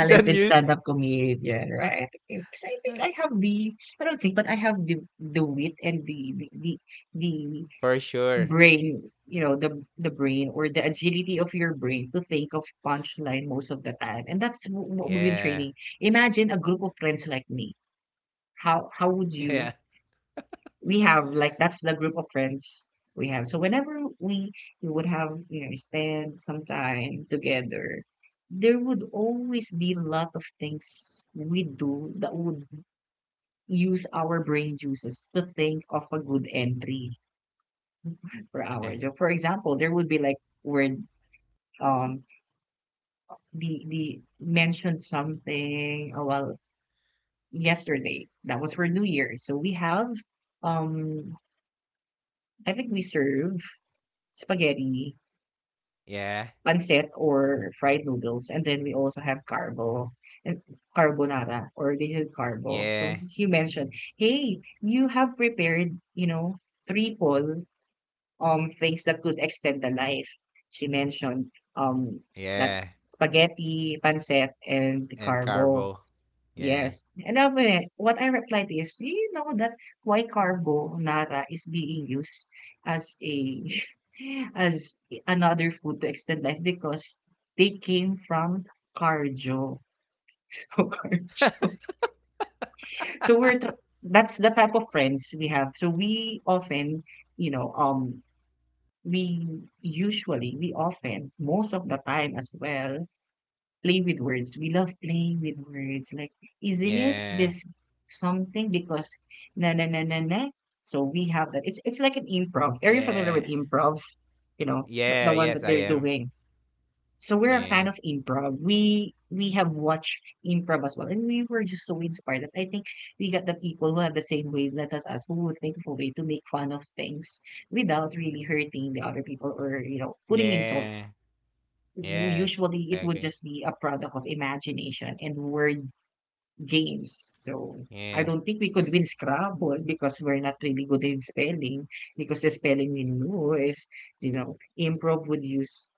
Speaker 2: The music.
Speaker 1: stand-up comedian, right? Because I think I have the, I don't think, but I have the the wit and the the the, the
Speaker 2: For sure.
Speaker 1: brain, you know, the the brain or the agility of your brain to think of punchline most of the time, and that's wh- what we've been
Speaker 2: Yeah.
Speaker 1: training. Imagine a group of friends like me. How how would
Speaker 2: (laughs)
Speaker 1: you
Speaker 2: Yeah.
Speaker 1: we have like that's the group of friends we have. So whenever we we would have you know spend some time together, there would always be a lot of things we do that would use our brain juices to think of a good entry for our
Speaker 2: Yeah.
Speaker 1: job. For example, there would be like word um the the mentioned something uh, well yesterday that was for New Year. So we have um I think we serve spaghetti
Speaker 2: Yeah.
Speaker 1: pancit or fried noodles, and then we also have carbo and carbonara or little carbo. So
Speaker 2: Yeah.
Speaker 1: since you mentioned, hey, you have prepared, you know, triple um things that could extend the life. She mentioned um that
Speaker 2: Yeah.
Speaker 1: spaghetti, pancit, and the
Speaker 2: And
Speaker 1: carbo.
Speaker 2: carbo.
Speaker 1: Yes.
Speaker 2: Yeah.
Speaker 1: And I mean, what I replied is, you know that why carbonara is being used as a (laughs) as another food to extend life because they came from cardio. (laughs) So cardio. So we're t- that's the type of friends we have. So we often, you know, um we usually we often most of the time as well play with words. We love playing with words. Like, isn't it
Speaker 2: Yeah.
Speaker 1: this something? Because na na na na na. So we have that. It's it's like an improv. Are you
Speaker 2: Yeah.
Speaker 1: familiar with improv? You know,
Speaker 2: Yeah.
Speaker 1: the, the
Speaker 2: Yes,
Speaker 1: one
Speaker 2: I
Speaker 1: that they're
Speaker 2: am.
Speaker 1: doing. So we're a
Speaker 2: Yeah.
Speaker 1: fan of improv. We we have watched improv as well, and we were just so inspired that I think we got the people who have the same wavelength as us, who would think of a way to make fun of things without really hurting the other people or you know putting insult
Speaker 2: Yeah.
Speaker 1: w-
Speaker 2: Yeah.
Speaker 1: usually
Speaker 2: I
Speaker 1: it would
Speaker 2: agree.
Speaker 1: just be a product of imagination and word games. So I
Speaker 2: Yeah.
Speaker 1: don't think we could win Scrabble because we're not really good in spelling because the spelling we know is, you know, improv would use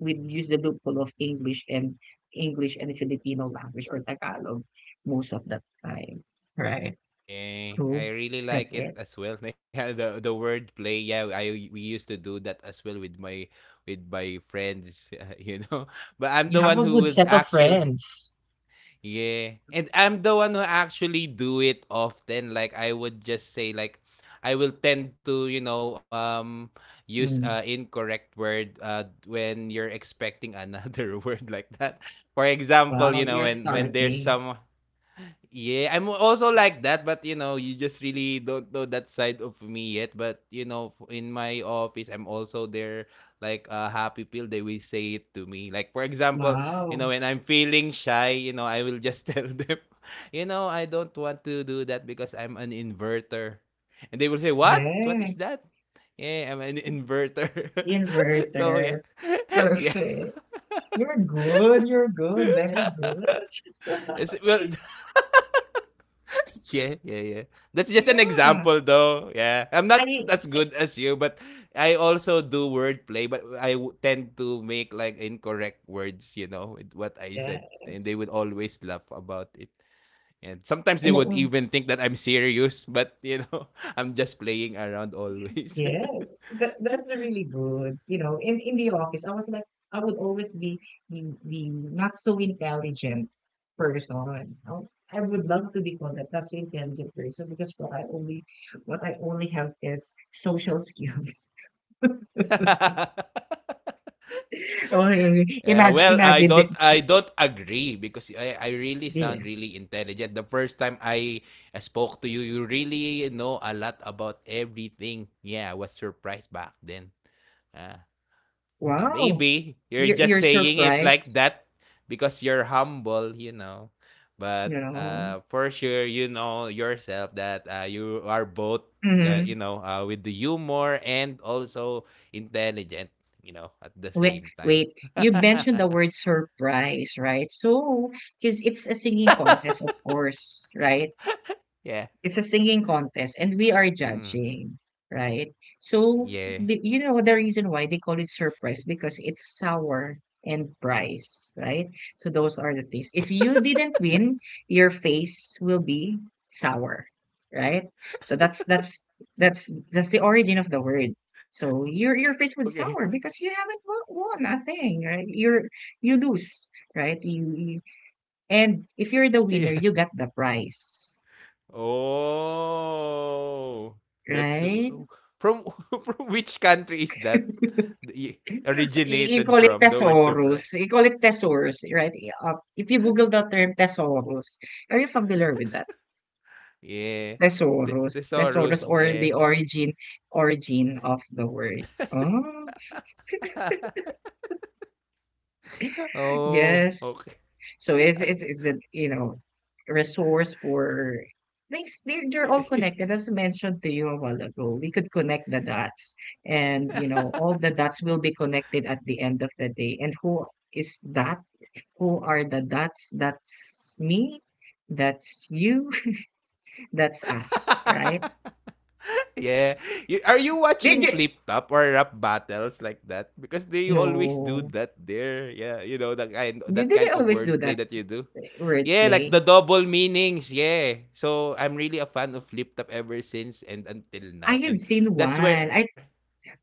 Speaker 1: would use the loophole of English and English and Filipino language or Tagalog most of the time. Right.
Speaker 2: Yeah,
Speaker 1: So
Speaker 2: I really
Speaker 1: that's
Speaker 2: like
Speaker 1: it.
Speaker 2: it as well. (laughs) Yeah, the the word play. Yeah, I we used to do that as well with my with my friends. (laughs) uh, you know. But I'm
Speaker 1: You
Speaker 2: the
Speaker 1: have
Speaker 2: one
Speaker 1: a
Speaker 2: who
Speaker 1: good
Speaker 2: would
Speaker 1: set of
Speaker 2: actually,
Speaker 1: friends.
Speaker 2: yeah, and I'm the one who actually do it often. Like I would just say, like, I will tend to, you know, um use uh
Speaker 1: Mm.
Speaker 2: incorrect word uh when you're expecting another (laughs) word like that. For example,
Speaker 1: Wow,
Speaker 2: you know,
Speaker 1: you're
Speaker 2: when when there's
Speaker 1: starting.
Speaker 2: some, yeah, I'm also like that, but you know, you just really don't know that side of me yet. But you know, f- in my office, I'm also there like a happy pill. They will say it to me. Like for example, you know,
Speaker 1: Wow.
Speaker 2: when I'm feeling shy, you know, I will just (laughs) tell them, you know, I don't want to do that because I'm an inverter, and they will say, "What? What is
Speaker 1: Yeah.
Speaker 2: that?" Yeah, I'm an inverter. (laughs) So
Speaker 1: Inverter.
Speaker 2: yeah. (laughs) Yeah.
Speaker 1: Perfect. You're good. You're good. Very good.
Speaker 2: It's, well,
Speaker 1: (laughs)
Speaker 2: (laughs) yeah, yeah, yeah. That's just an
Speaker 1: Yeah.
Speaker 2: example, though. Yeah, I'm not
Speaker 1: I
Speaker 2: as good as you, but I also do wordplay. But I w- tend to make like incorrect words, you know, with what I said, and they
Speaker 1: yes.
Speaker 2: would always laugh about it. And sometimes
Speaker 1: I
Speaker 2: they would
Speaker 1: know.
Speaker 2: even think that I'm serious, but you know, (laughs) I'm just playing around always.
Speaker 1: Yes. That that's really good. You know, in in the office, I was like, I would always be the the not so intelligent person. I would I would love to be called that not so intelligent person because what I only what I only have is social skills. (laughs)
Speaker 2: (laughs) (laughs)
Speaker 1: Oh,
Speaker 2: Yeah,
Speaker 1: imagine
Speaker 2: well, I
Speaker 1: imagine the,
Speaker 2: don't I don't agree because I I really sound
Speaker 1: the
Speaker 2: really intelligent. The first time I spoke to you, you really know a lot about everything. Yeah, I was surprised back then. Ah, ah,
Speaker 1: wow.
Speaker 2: maybe you're
Speaker 1: You're you're
Speaker 2: just saying it like
Speaker 1: surprised,
Speaker 2: that because you're humble, you know.
Speaker 1: you
Speaker 2: But
Speaker 1: know?
Speaker 2: uh, for sure, you know yourself that uh, you are both, uh, you
Speaker 1: Mhm.
Speaker 2: know, uh, with the humor and also intelligent, you know, at the
Speaker 1: Wait,
Speaker 2: same time.
Speaker 1: wait. You mentioned the word surprise, right? So, because it's a singing
Speaker 2: (laughs)
Speaker 1: contest, of course, right?
Speaker 2: Yeah.
Speaker 1: It's a singing contest and we are
Speaker 2: Mm,
Speaker 1: judging, right? So,
Speaker 2: yeah.
Speaker 1: the, you know the reason why they call it surprise because it's sour and price, right? So those are the things. If you didn't win, your face will be sour, right? So that's that's that's that's the origin of the word. So your your
Speaker 2: (laughs)
Speaker 1: face would
Speaker 2: Okay.
Speaker 1: sour because you haven't won, won a thing, right? You're you lose, right? You, you and if you're
Speaker 2: (laughs)
Speaker 1: the
Speaker 2: Yeah.
Speaker 1: winner, you got the prize,
Speaker 2: Oh, that's
Speaker 1: right?
Speaker 2: w from (laughs) from which country is that? Y (laughs)
Speaker 1: You
Speaker 2: Originated
Speaker 1: call it
Speaker 2: from the word surprise?
Speaker 1: thesaurus. You call it thesaurus, right? Uh, if you Google the term thesaurus, are you familiar with that?
Speaker 2: Yeah. The
Speaker 1: Thesaurus, thesaurus,
Speaker 2: thesaurus,
Speaker 1: or
Speaker 2: yeah.
Speaker 1: the origin origin of the word. Oh,
Speaker 2: (laughs) Oh,
Speaker 1: yes. So it's it's it's a you know resource for things. They're they're all
Speaker 2: okay.
Speaker 1: connected, as mentioned to you a while ago. We could connect the dots, and you know all the dots will be connected at the end of the day. And who is that? Who are the dots? That's me, that's you, (laughs) that's us," right?
Speaker 2: (laughs) Yeah. You, are you
Speaker 1: Did
Speaker 2: watching
Speaker 1: you
Speaker 2: Flip Top or rap battles like that? Because they always do
Speaker 1: no.
Speaker 2: that there. Yeah, you know that kind
Speaker 1: Did
Speaker 2: that
Speaker 1: did they
Speaker 2: kind of
Speaker 1: always do
Speaker 2: wordplay
Speaker 1: that
Speaker 2: that you do. Yeah, like
Speaker 1: wordplay?
Speaker 2: the double meanings. Yeah. So I'm really a fan of Flip Top ever since and until
Speaker 1: I
Speaker 2: now.
Speaker 1: have
Speaker 2: And
Speaker 1: seen
Speaker 2: that's
Speaker 1: one. I
Speaker 2: where.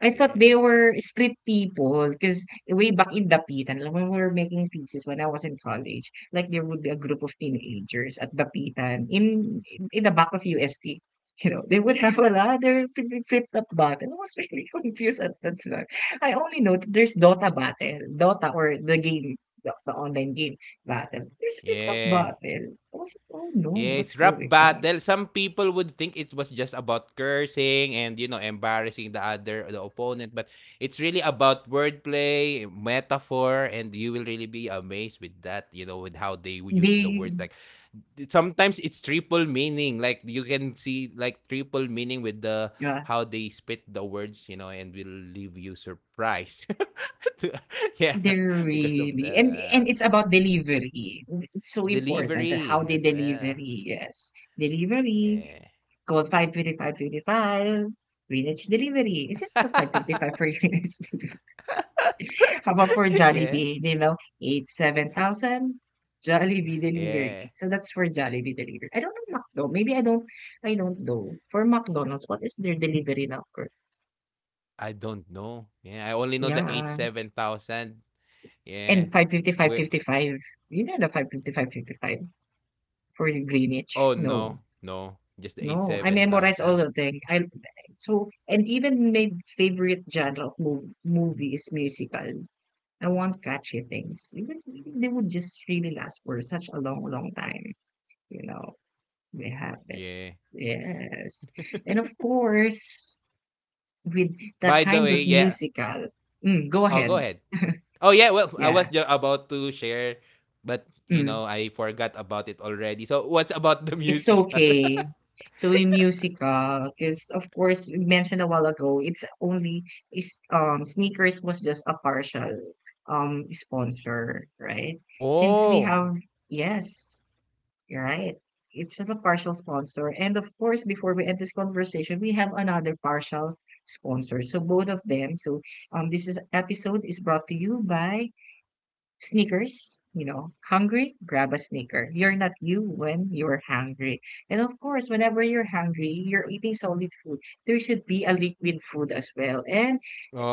Speaker 1: I thought they were street people because way back in Dapitan, like when we were making thesis when I was in college, like there would be a group of teenagers at Dapitan in in the back of U S T. You know, they would have a lot. Ladder, fli- flip up button. I was really (laughs) confused at that time. I only know that there's Dota battle, Dota or the game, the, the online game battle. There's flip up
Speaker 2: Yeah.
Speaker 1: battle. I was like, oh no, what's
Speaker 2: Yes, rap
Speaker 1: going on?
Speaker 2: battle. Some people would think it was just about cursing and you know embarrassing the other the opponent, but it's really about wordplay, metaphor, and you will really be amazed with that. You know, with how they w- use the
Speaker 1: They,
Speaker 2: words. Like, th- sometimes it's triple meaning. Like you can see like triple meaning with the
Speaker 1: yeah,
Speaker 2: how they spit the words. You know, and will leave you surprised. (laughs) To- yeah,
Speaker 1: there
Speaker 2: (laughs) because of
Speaker 1: really and and
Speaker 2: the
Speaker 1: it's about delivery. It's so important that how
Speaker 2: delivery
Speaker 1: they
Speaker 2: as well.
Speaker 1: delivery, yes. Delivery,
Speaker 2: Yeah.
Speaker 1: call five fifty five fifty five. 5:55, delivery. Is it still
Speaker 2: (laughs)
Speaker 1: five fifty-five for Greenwich delivery? (laughs) How about for
Speaker 2: (laughs) Yeah.
Speaker 1: Jollibee, you know, eight seven thousand Jollibee delivery.
Speaker 2: Yeah.
Speaker 1: So that's for Jollibee delivery. I don't know McDo. Maybe I don't I don't know. For McDonald's, what is their delivery number?
Speaker 2: I don't know. Yeah, I only know the eight
Speaker 1: Yeah.
Speaker 2: seven thousand. Yeah.
Speaker 1: And five fifty five
Speaker 2: We
Speaker 1: fifty five. You know the five fifty five fifty five. For the
Speaker 2: Oh,
Speaker 1: Greenwich. No.
Speaker 2: no, no. Just the eight
Speaker 1: No. I
Speaker 2: seven
Speaker 1: memorize
Speaker 2: thousand.
Speaker 1: all of them. I so and even my favorite genre of mov- movie is musical. I want catchy things. Even they would just really last for such a long, long time. You know, they have it.
Speaker 2: Yeah.
Speaker 1: Yes. And of course, with that
Speaker 2: By the
Speaker 1: kind
Speaker 2: way,
Speaker 1: of
Speaker 2: yeah.
Speaker 1: musical, mm, go
Speaker 2: Oh, go
Speaker 1: ahead.
Speaker 2: ahead. Oh yeah, well, I was
Speaker 1: Yeah.
Speaker 2: just about to share, but you
Speaker 1: Mm.
Speaker 2: know, I forgot about it already. So what's about the
Speaker 1: It's
Speaker 2: musical? (laughs)
Speaker 1: okay. So in musical, because of course you mentioned a while ago, it's only is um sneakers was just a partial um sponsor, right? Since we
Speaker 2: Oh,
Speaker 1: have yes, you're right. It's just a partial sponsor. And of course, before we end this conversation, we have another partial sponsor. So both of them. So um this is episode is brought to you by Sneakers, you know, hungry, grab a sneaker. You're not you when you're hungry. And of course, whenever you're hungry, you're eating solid food. There should be a liquid food as well. And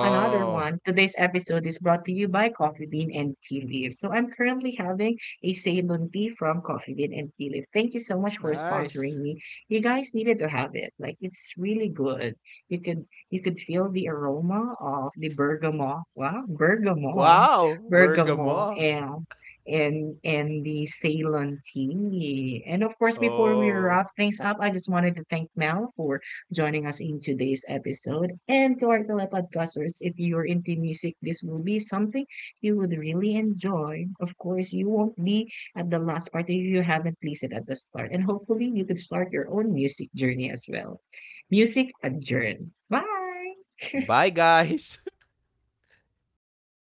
Speaker 1: another one. Today's episode is brought to you by Coffee Bean and Tea Leaf. So I'm currently having a Ceylon tea from Coffee Bean and Tea Leaf. Thank you so much for
Speaker 2: Nice.
Speaker 1: sponsoring me. You guys needed to have it. Like it's really good. You could you could feel the aroma of the bergamot. Wow, bergamot,
Speaker 2: Wow,
Speaker 1: bergamot,
Speaker 2: Bergamo.
Speaker 1: and and and the Ceylon tea. And of course, before we
Speaker 2: Oh.
Speaker 1: wrap things up, I just wanted to thank Mel for joining us in today's episode. And to our telepodcasters, if you're into music, this will be something you would really enjoy. Of course, you won't be at the last part if you haven't listened at the start. And hopefully, you could start your own music journey as well. Music adjourned. Bye!
Speaker 2: Bye, guys.